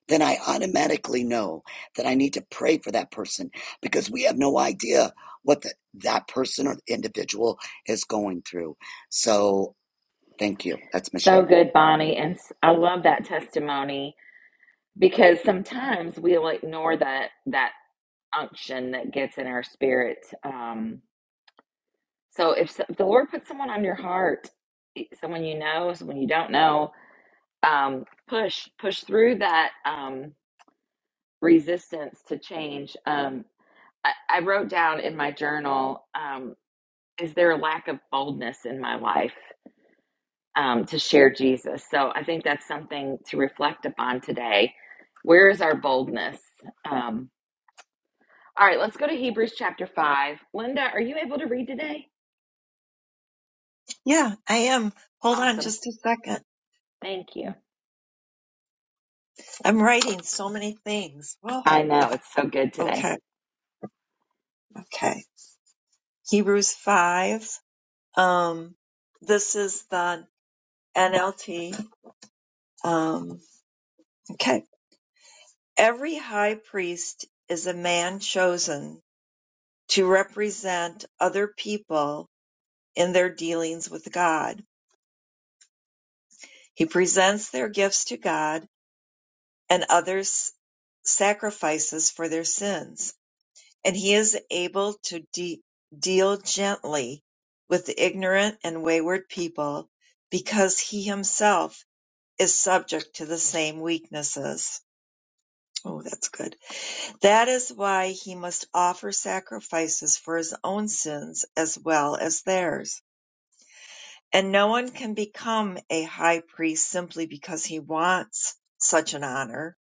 then I automatically know that I need to pray for that person because we have no idea what the, that person or the individual is going through. So, thank you. That's my share. So good, Bonnie, and s- I love that testimony because sometimes we'll ignore that that unction that gets in our spirit um so if, so- if the lord puts someone on your heart e, someone you know someone you don't know um push push through that um resistance to change um i, I wrote down in my journal um is there a lack of boldness in my life um, to share Jesus? So I think that's something to reflect upon today. Where is our boldness? Um, All right, let's go to Hebrews chapter 5. Linda, are you able to read today? Yeah, I am. Hold on Awesome. just a second. Thank you. I'm writing so many things. Well, I know it's so good today. okay, okay. Hebrews 5. Um, this is the NLT. Um, okay. Every high priest is a man chosen to represent other people in their dealings with God. He presents their gifts to God and others sacrifices for their sins. and he is able to de- deal gently with ignorant and wayward people because he himself is subject to the same weaknesses. Oh, that's good. That is why he must offer sacrifices for his own sins as well as theirs. And no one can become a high priest simply because he wants such an honor.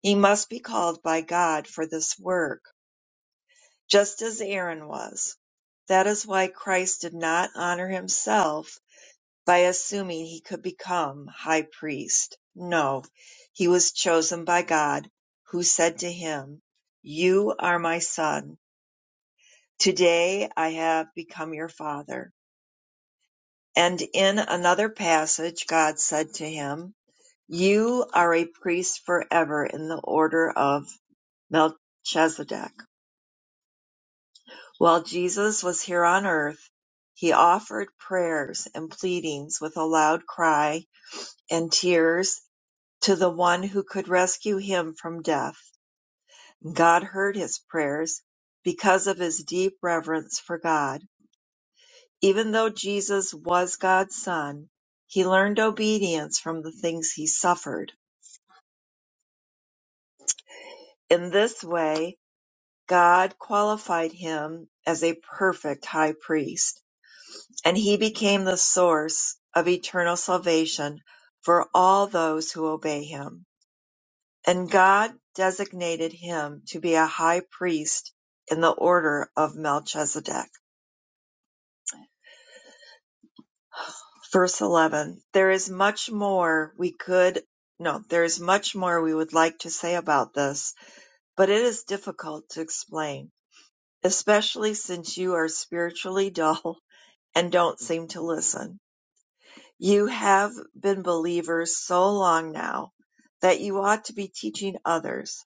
He must be called by God for this work. just as Aaron was. That is why Christ did not honor himself by assuming he could become high priest. No, he was chosen by God, who said to him, You are my son. Today I have become your father. And in another passage, God said to him, You are a priest forever in the order of Melchizedek. While Jesus was here on earth, he offered prayers and pleadings with a loud cry and tears to the one who could rescue him from death. God heard his prayers because of his deep reverence for God. Even though Jesus was God's son, he learned obedience from the things he suffered. In this way, God qualified him as a perfect high priest. and he became the source of eternal salvation for all those who obey him. And God designated him to be a high priest in the order of Melchizedek. Verse 11 There is much more we could, no, there is much more we would like to say about this, but it is difficult to explain, especially since you are spiritually (laughs) dull and don't seem to listen. You have been believers so long now that you ought to be teaching others.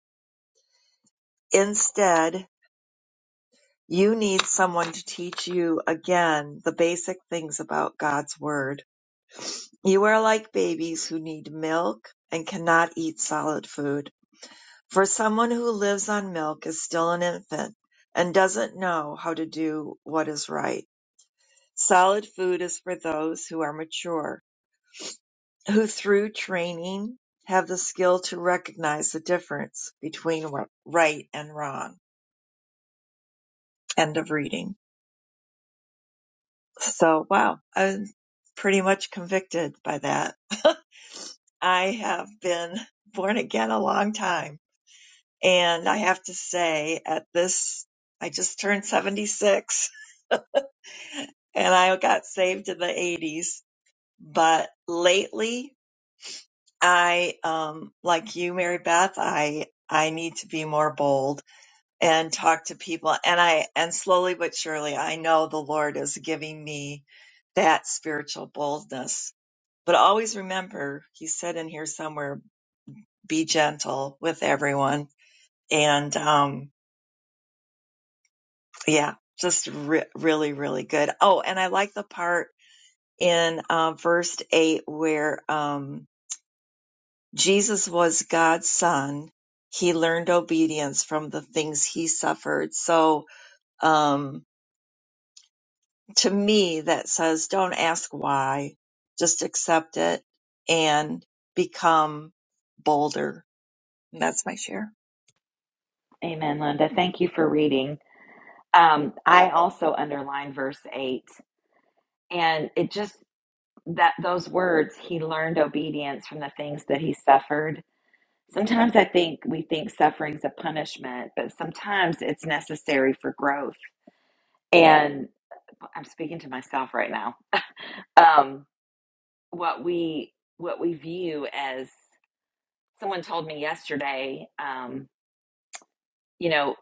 Instead, you need someone to teach you again the basic things about God's Word. You are like babies who need milk and cannot eat solid food. For someone who lives on milk is still an infant and doesn't know how to do what is right. Solid food is for those who are mature who through training have the skill to recognize the difference between right and wrong. End of reading. So, wow, I'm pretty much convicted by that. (laughs) I have been born again a long time. And I have to say, at this, I just turned 76 (laughs) and I got saved in the 80s. But lately, I, um, like you, Mary Beth, I, I need to be more bold and talk to people and i and slowly but surely i know the lord is giving me that spiritual boldness but always remember he said in here somewhere be gentle with everyone and um yeah just re- really really good oh and i like the part in um, verse 8 where um jesus was god's son he learned obedience from the things he suffered so um, to me that says don't ask why, just accept it and become bolder. And that's my share. Amen, Linda. Thank you for reading. Um, I also underlined verse eight, and it just that those words he learned obedience from the things that he suffered. Sometimes I think we think suffering's a punishment, but sometimes it's necessary for growth. And I'm speaking to myself right now. Um, what we what we view as someone told me yesterday, um, you know,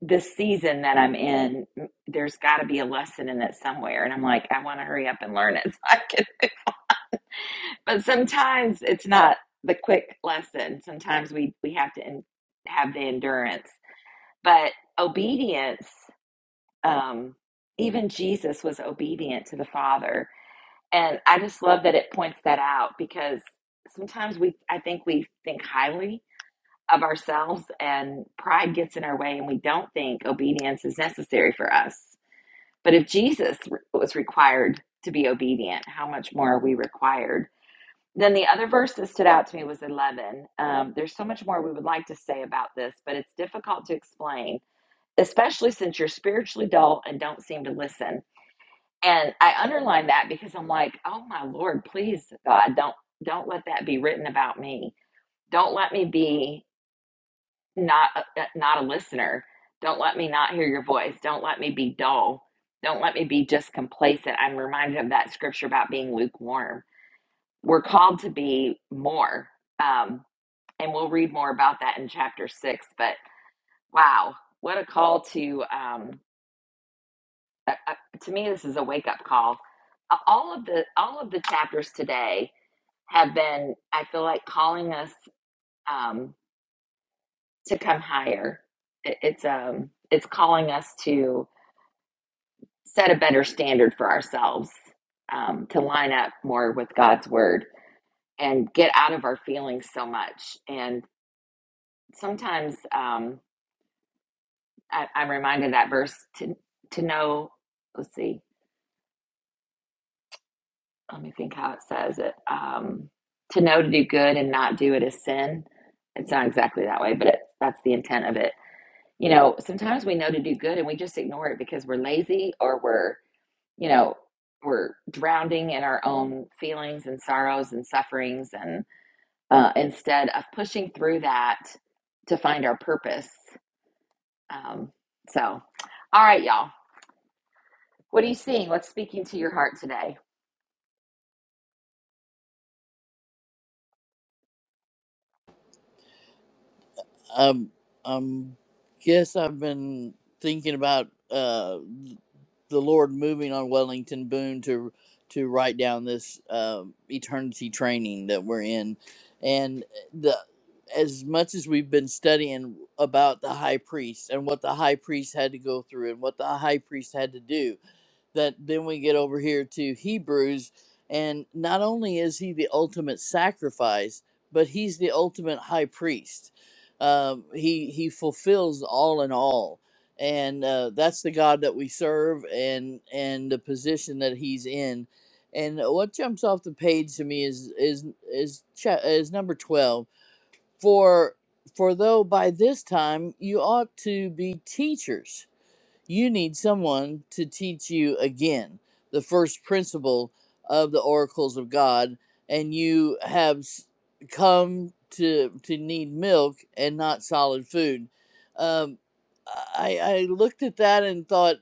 this season that I'm in, there's got to be a lesson in it somewhere. And I'm like, I want to hurry up and learn it. (laughs) So I can. (laughs) But sometimes it's not the quick lesson. Sometimes we, we have to en- have the endurance. But obedience, um, even Jesus was obedient to the Father. And I just love that it points that out because sometimes we, I think we think highly of ourselves and pride gets in our way and we don't think obedience is necessary for us. But if Jesus was required to be obedient, how much more are we required? Then the other verse that stood out to me was 11. Um, there's so much more we would like to say about this, but it's difficult to explain, especially since you're spiritually dull and don't seem to listen. And I underlined that because I'm like, oh my Lord, please, God, don't don't let that be written about me. Don't let me be not a, not a listener. Don't let me not hear your voice. Don't let me be dull. Don't let me be just complacent. I'm reminded of that scripture about being lukewarm. We're called to be more, um, and we'll read more about that in chapter six. But wow, what a call to um, a, a, to me! This is a wake up call. A- All of the all of the chapters today have been, I feel like, calling us um, to come higher. It, it's um, it's calling us to set a better standard for ourselves um, to line up more with God's word and get out of our feelings so much. And sometimes um, I, I'm reminded of that verse to to know. Let's see. Let me think how it says it. Um, to know to do good and not do it is sin. It's not exactly that way, but it, that's the intent of it. You know, sometimes we know to do good and we just ignore it because we're lazy or we're you know, we're drowning in our own feelings and sorrows and sufferings, and uh, instead of pushing through that to find our purpose. Um, so, all right, y'all, what are you seeing? What's speaking to your heart today? Um, um, guess I've been thinking about uh, the Lord moving on Wellington Boone to to write down this uh, eternity training that we're in, and the as much as we've been studying about the high priest and what the high priest had to go through and what the high priest had to do, that then we get over here to Hebrews, and not only is he the ultimate sacrifice, but he's the ultimate high priest um, he he fulfills all in all and uh, that's the god that we serve and and the position that he's in and what jumps off the page to me is is is cha- is number 12 for for though by this time you ought to be teachers you need someone to teach you again the first principle of the oracles of God, and you have come to to need milk and not solid food. Um, I, I looked at that and thought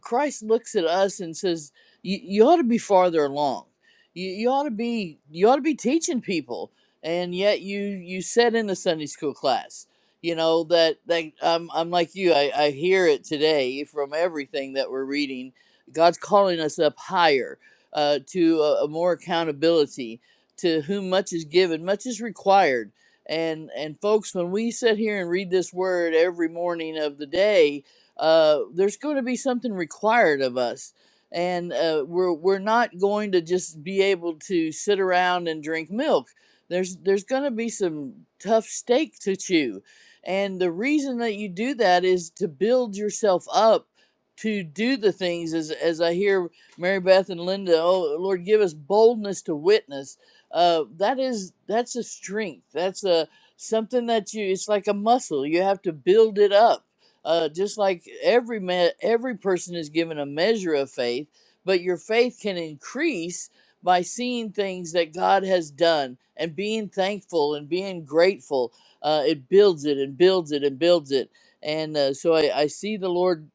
Christ looks at us and says, "You you ought to be farther along. You, you ought to be you ought to be teaching people." And yet you you said in the Sunday school class, you know that that I'm I'm like you. I, I hear it today from everything that we're reading. God's calling us up higher uh, to a, a more accountability. To whom much is given, much is required. And and folks, when we sit here and read this word every morning of the day, uh, there's going to be something required of us. And uh, we're, we're not going to just be able to sit around and drink milk. There's, there's going to be some tough steak to chew. And the reason that you do that is to build yourself up to do the things as, as I hear Mary Beth and Linda, oh Lord, give us boldness to witness. Uh, that is, that's a strength. That's a, something that you, it's like a muscle. You have to build it up uh, just like every man, every person is given a measure of faith, but your faith can increase by seeing things that God has done and being thankful and being grateful. Uh, it builds it and builds it and builds it. And uh, so I, I see the Lord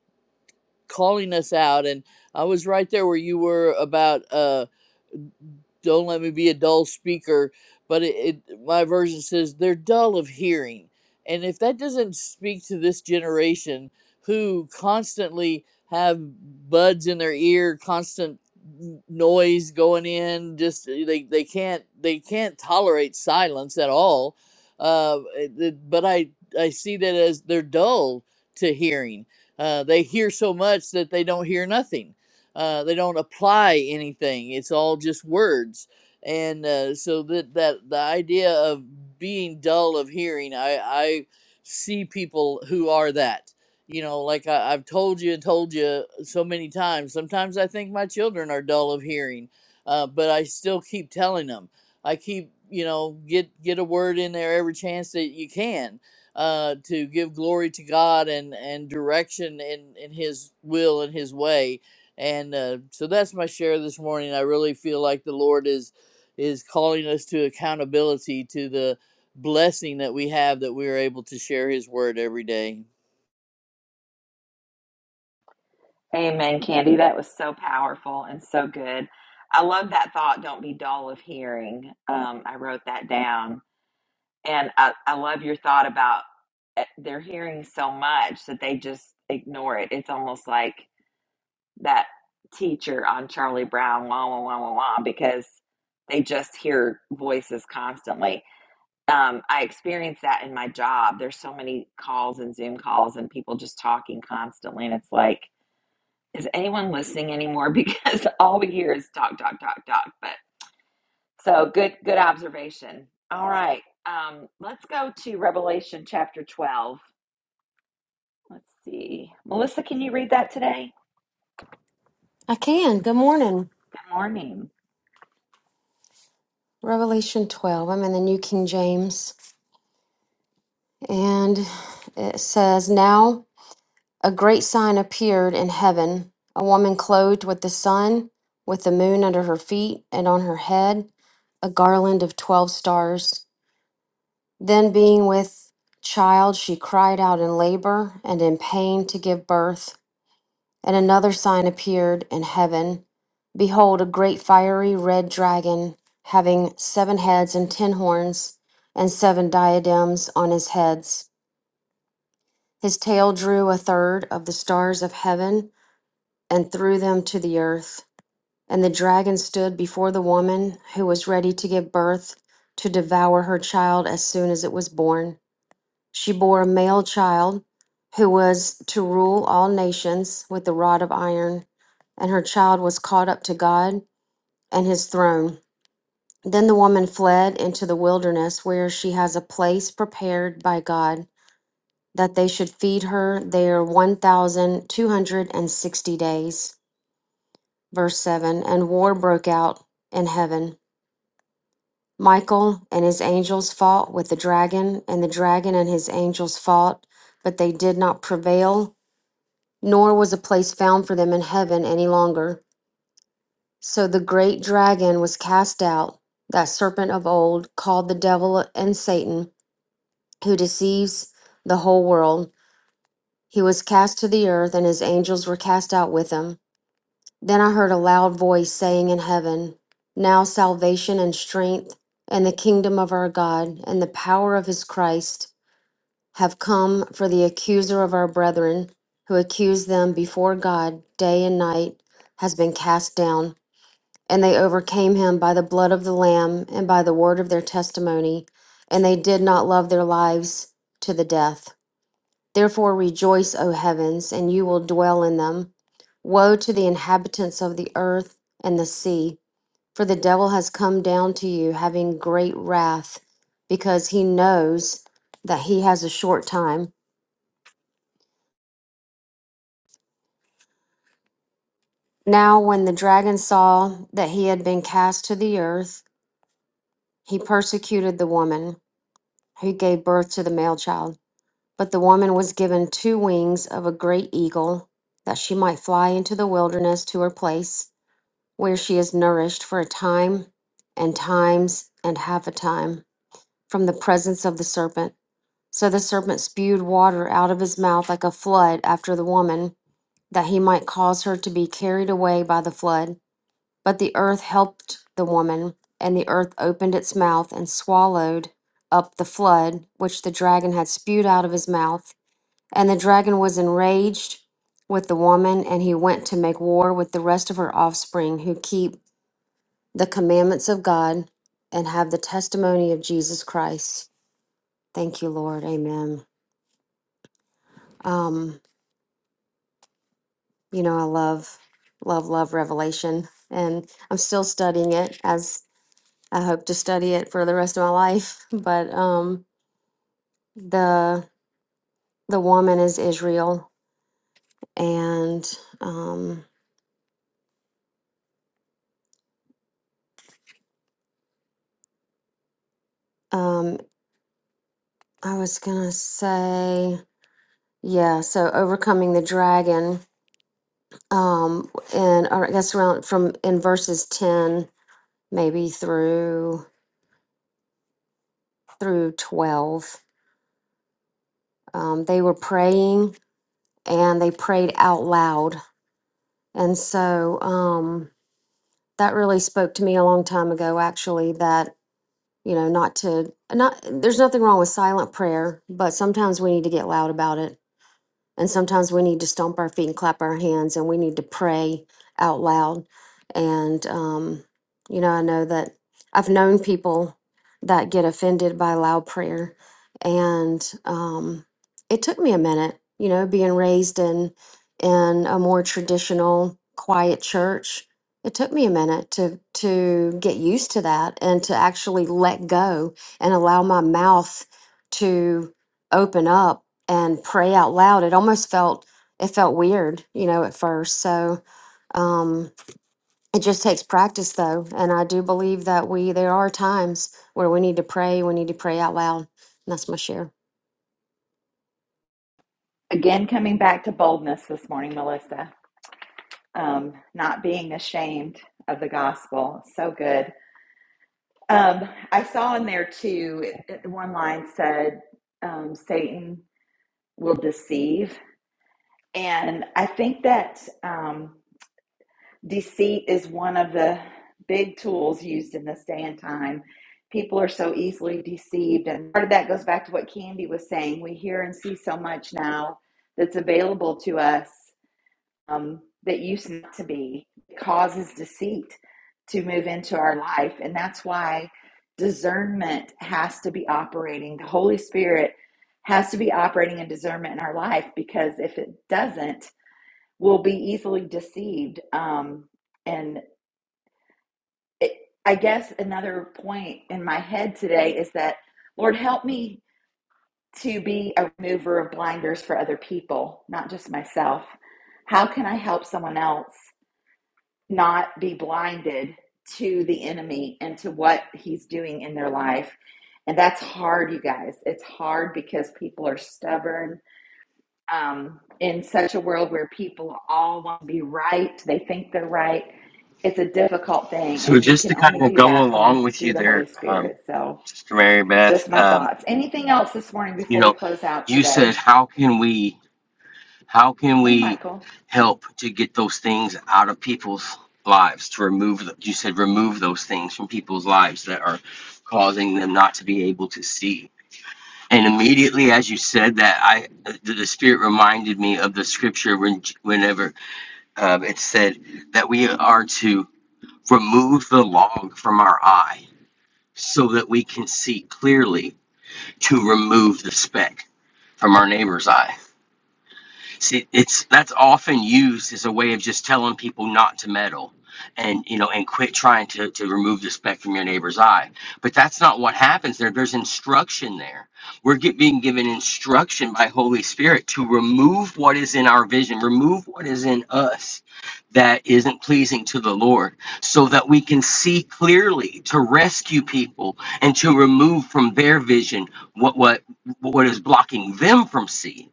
calling us out. And I was right there where you were about. Uh, don't let me be a dull speaker but it, it my version says they're dull of hearing and if that doesn't speak to this generation who constantly have buds in their ear constant noise going in just uh, they, they can't they can't tolerate silence at all uh, but i i see that as they're dull to hearing uh, they hear so much that they don't hear nothing uh, they don't apply anything it's all just words and uh, so that that the idea of being dull of hearing i i see people who are that you know like I, i've told you and told you so many times sometimes i think my children are dull of hearing uh, but i still keep telling them i keep you know get get a word in there every chance that you can uh, to give glory to god and and direction in in his will and his way and uh, so that's my share this morning i really feel like the lord is is calling us to accountability to the blessing that we have that we are able to share his word every day Amen, Candy. That was so powerful and so good. I love that thought. Don't be dull of hearing. Um, I wrote that down, and I, I love your thought about eh, they're hearing so much that they just ignore it. It's almost like that teacher on Charlie Brown, wah, wah, wah, wah, wah, because they just hear voices constantly. Um, I experience that in my job. There's so many calls and Zoom calls and people just talking constantly. And it's like, is anyone listening anymore? (laughs) Because all we hear is talk, talk, talk, talk. But so good, good observation. All right. Um, let's go to Revelation chapter 12. Let's see. Melissa, can you read that today? I can. Good morning. Good morning. Revelation 12. I'm in the New King James. And it says, Now a great sign appeared in heaven a woman clothed with the sun, with the moon under her feet, and on her head a garland of 12 stars. Then, being with child, she cried out in labor and in pain to give birth. And another sign appeared in heaven. Behold, a great fiery red dragon, having seven heads and ten horns, and seven diadems on his heads. His tail drew a third of the stars of heaven and threw them to the earth. And the dragon stood before the woman who was ready to give birth to devour her child as soon as it was born she bore a male child who was to rule all nations with the rod of iron, and her child was caught up to God and his throne. Then the woman fled into the wilderness where she has a place prepared by God that they should feed her there 1260 days. Verse 7 And war broke out in heaven. Michael and his angels fought with the dragon, and the dragon and his angels fought, but they did not prevail nor was a place found for them in heaven any longer. So the great dragon was cast out, that serpent of old, called the devil and Satan, who deceives the whole world. He was cast to the earth, and his angels were cast out with him. Then I heard a loud voice saying in heaven, Now salvation and strength, and the kingdom of our God, and the power of his Christ. have come for the accuser of our brethren, who accused them before God day and night, has been cast down. And they overcame him by the blood of the Lamb and by the word of their testimony, and they did not love their lives to the death. Therefore rejoice, O heavens, and you will dwell in them. Woe to the inhabitants of the earth and the sea, for the devil has come down to you, having great wrath, because he knows that he has a short time. Now, when the dragon saw that he had been cast to the earth, he persecuted the woman who gave birth to the male child. But the woman was given two wings of a great eagle, that she might fly into the wilderness to her place, where she is nourished for a time and times and half a time from the presence of the serpent. So the serpent spewed water out of his mouth like a flood after the woman, that he might cause her to be carried away by the flood. But the earth helped the woman, and the earth opened its mouth and swallowed up the flood which the dragon had spewed out of his mouth. And the dragon was enraged with the woman, and he went to make war with the rest of her offspring who keep the commandments of God and have the testimony of Jesus Christ. Thank you, Lord. Amen. Um, you know, I love, love, love Revelation, and I'm still studying it as I hope to study it for the rest of my life. But um, the the woman is Israel, and um, um, I was gonna say yeah. So overcoming the dragon, um, and or I guess around from in verses ten maybe through through twelve, um, they were praying and they prayed out loud, and so um, that really spoke to me a long time ago, actually. That you know, not to not there's nothing wrong with silent prayer, but sometimes we need to get loud about it. And sometimes we need to stomp our feet and clap our hands and we need to pray out loud. And, um, you know, I know that I've known people that get offended by loud prayer. And um, it took me a minute, you know, being raised in, in a more traditional, quiet church. It took me a minute to, to get used to that and to actually let go and allow my mouth to open up and pray out loud. It almost felt it felt weird, you know, at first. So um, it just takes practice, though, and I do believe that we there are times where we need to pray. We need to pray out loud. And that's my share. Again, coming back to boldness this morning, Melissa, um, not being ashamed of the gospel. So good. Um, I saw in there too, one line said, um, Satan will deceive. And I think that um, deceit is one of the big tools used in this day and time. People are so easily deceived. And part of that goes back to what Candy was saying. We hear and see so much now that's available to us um, that used not to be causes deceit to move into our life. And that's why discernment has to be operating. The Holy Spirit has to be operating in discernment in our life because if it doesn't, we'll be easily deceived. Um, and it, I guess another point in my head today is that, Lord, help me to be a remover of blinders for other people, not just myself. How can I help someone else not be blinded to the enemy and to what he's doing in their life. And that's hard, you guys. It's hard because people are stubborn. Um, in such a world where people all want to be right, they think they're right. It's a difficult thing, So and we just can to kind only of do go that from the, along with through you the Holy there, um, Spirit. So, Sister Mary Beth, just my um, thoughts. Anything else this morning you before we know, close out you said today? how can we how can Hey, we Michael. help to get those things out of people's lives to remove the, you said remove those things from people's lives that are causing them not to be able to see and immediately as you said that i the, the spirit reminded me of the scripture when whenever uh, it said that we are to remove the log from our eye so that we can see clearly to remove the speck from our neighbor's eye. See, it's that's often used as a way of just telling people not to meddle and you know and quit trying to, to remove the speck from your neighbor's eye but that's not what happens there there's instruction there we're get, being given instruction by holy spirit to remove what is in our vision remove what is in us that isn't pleasing to the lord so that we can see clearly to rescue people and to remove from their vision what what what is blocking them from seeing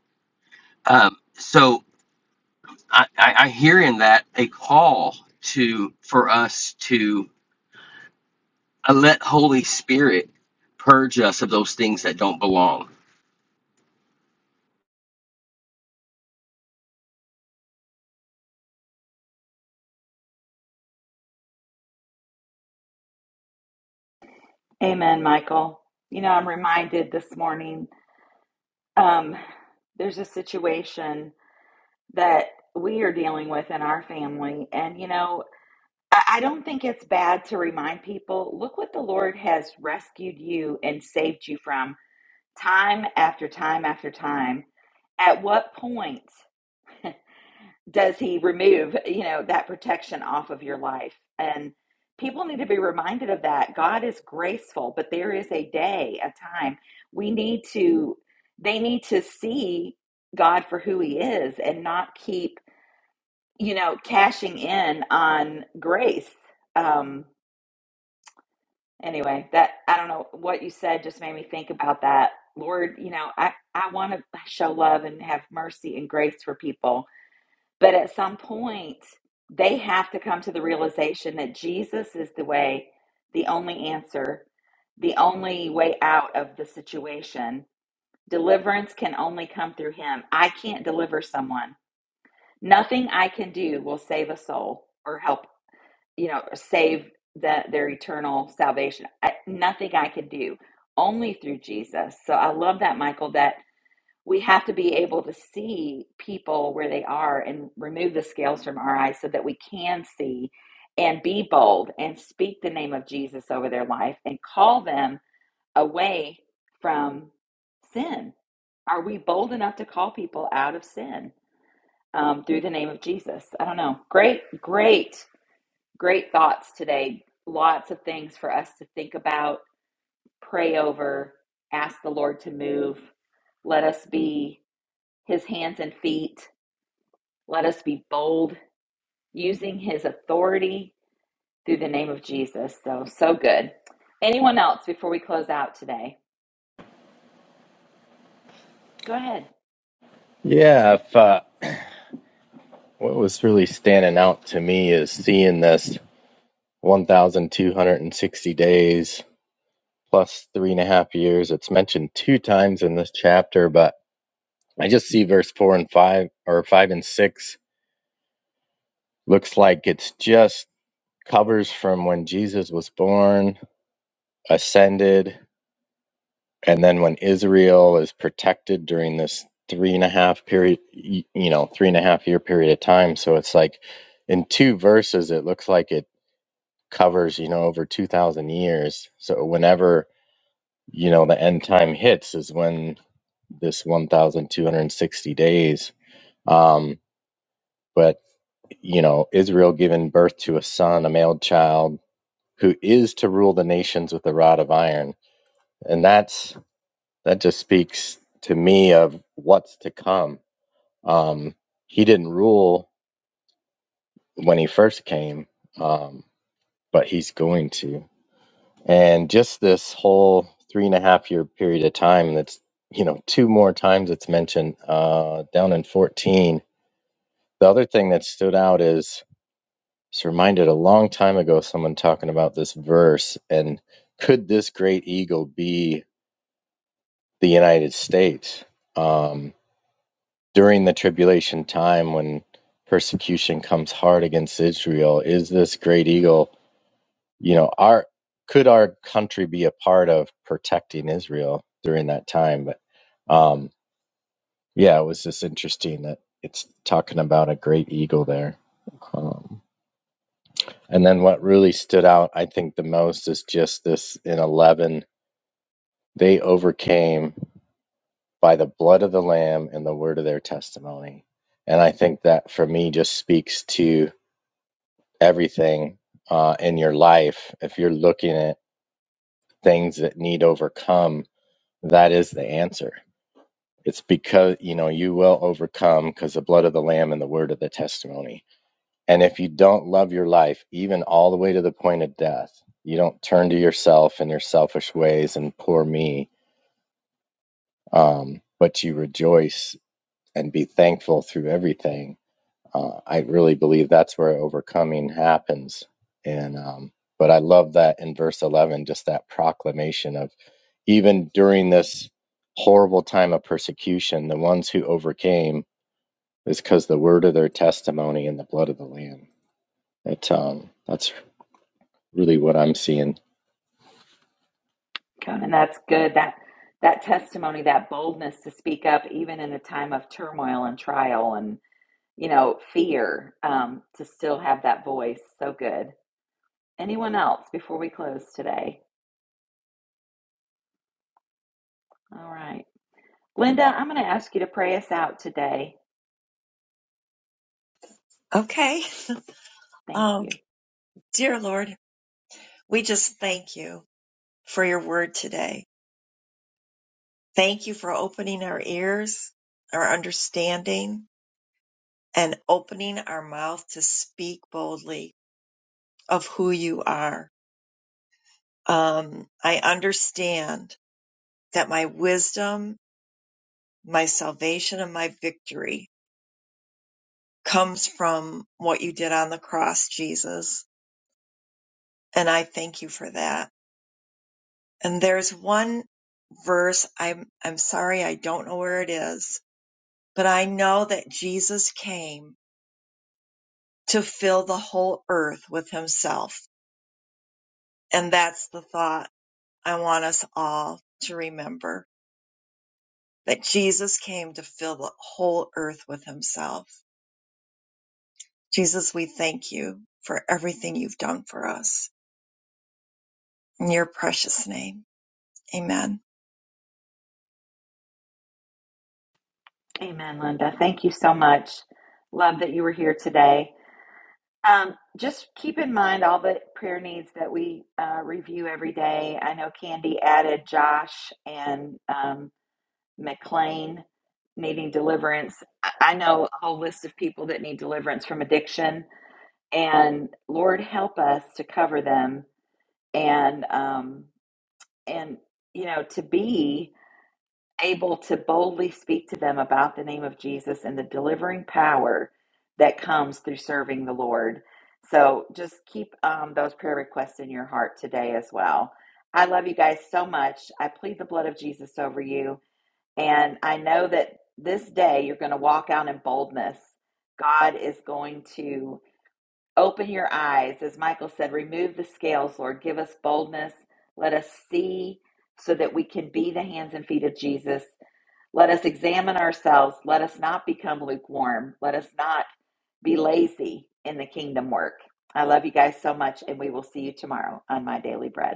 um, so I, I, I hear in that a call to for us to uh, let Holy Spirit purge us of those things that don't belong. Amen, Michael. You know, I'm reminded this morning um, there's a situation that we are dealing with in our family. And, you know, I I don't think it's bad to remind people look what the Lord has rescued you and saved you from time after time after time. At what point does He remove, you know, that protection off of your life? And people need to be reminded of that. God is graceful, but there is a day, a time. We need to, they need to see God for who He is and not keep you know, cashing in on grace. Um, anyway, that I don't know what you said just made me think about that. Lord, you know, I, I want to show love and have mercy and grace for people, but at some point, they have to come to the realization that Jesus is the way, the only answer, the only way out of the situation. Deliverance can only come through Him. I can't deliver someone. Nothing I can do will save a soul or help you know, save the, their eternal salvation. I, nothing I could do, only through Jesus. So I love that, Michael, that we have to be able to see people where they are and remove the scales from our eyes so that we can see and be bold and speak the name of Jesus over their life and call them away from sin. Are we bold enough to call people out of sin um, through the name of Jesus? I don't know. Great, great Great thoughts today. Lots of things for us to think about, pray over, ask the Lord to move. Let us be his hands and feet. Let us be bold, using his authority through the name of Jesus. So, so good. Anyone else before we close out today? Go ahead, Yeah, if, uh, what was really standing out to me is seeing this 1,260 days plus three and a half years. It's mentioned two times in this chapter, but I just see verse four and five, or five and six. Looks like it's just covers from when Jesus was born, ascended, and then when Israel is protected during this three and a half period, you know, three and a half year period of time. So it's like in two verses, it looks like it covers you know over 2000 years so whenever you know the end time hits is when this 1260 days um but you know israel giving birth to a son a male child who is to rule the nations with a rod of iron and that's that just speaks to me of what's to come um he didn't rule when he first came um but he's going to And just this whole three and a half year period of time, that's, you know, two more times it's mentioned uh, down in 14. The other thing that stood out is it's reminded a long time ago, someone talking about this verse and could this great eagle be the United States um, during the tribulation time when persecution comes hard against Israel? Is this great eagle? you know our could our country be a part of protecting israel during that time but um yeah it was just interesting that it's talking about a great eagle there um, and then what really stood out i think the most is just this in 11 they overcame by the blood of the lamb and the word of their testimony and i think that for me just speaks to everything uh, in your life if you're looking at things that need overcome That is the answer. It's because, you know, you will overcome because the blood of the Lamb and the word of the testimony. And if you don't love your life, even all the way to the point of death, you don't turn to yourself and your selfish ways and poor me, um, but you rejoice and be thankful through everything Uh, I really believe that's where overcoming happens. And um, but I love that in verse eleven, just that proclamation of even during this horrible time of persecution, the ones who overcame is because the word of their testimony and the blood of the Lamb. That um, that's really what I'm seeing. Conan. That's good. That that testimony, that boldness to speak up, even in a time of turmoil and trial and you know fear, um, to still have that voice. So good. Anyone else before we close today? All right. Linda, I'm going to ask you to pray us out today. Okay. Thank Um, you. dear Lord, we just thank you for your word today. Thank you for opening our ears, our understanding, and opening our mouth to speak boldly of who you are. Um, I understand that my wisdom, my salvation, and my victory comes from what you did on the cross, Jesus. And I thank you for that. And there's one verse, I'm, I'm sorry, I don't know where it is, but I know that Jesus came to fill the whole earth with himself. And that's the thought I want us all to remember that Jesus came to fill the whole earth with himself. Jesus, we thank you for everything you've done for us. In your precious name, amen. Amen, Linda. Thank you so much. Love that you were here today. Um, just keep in mind all the prayer needs that we uh, review every day. I know Candy added Josh and um, McLean needing deliverance. I know a whole list of people that need deliverance from addiction, and Lord, help us to cover them and um, and you know to be able to boldly speak to them about the name of Jesus and the delivering power that comes through serving the Lord. So just keep um, those prayer requests in your heart today as well. I love you guys so much. I plead the blood of Jesus over you, and I know that this day you're going to walk out in boldness. God is going to. Open your eyes. As Michael said, remove the scales, Lord. Give us boldness. Let us see so that we can be the hands and feet of Jesus. Let us examine ourselves. Let us not become lukewarm. Let us not be lazy in the kingdom work. I love you guys so much, and we will see you tomorrow on My Daily Bread.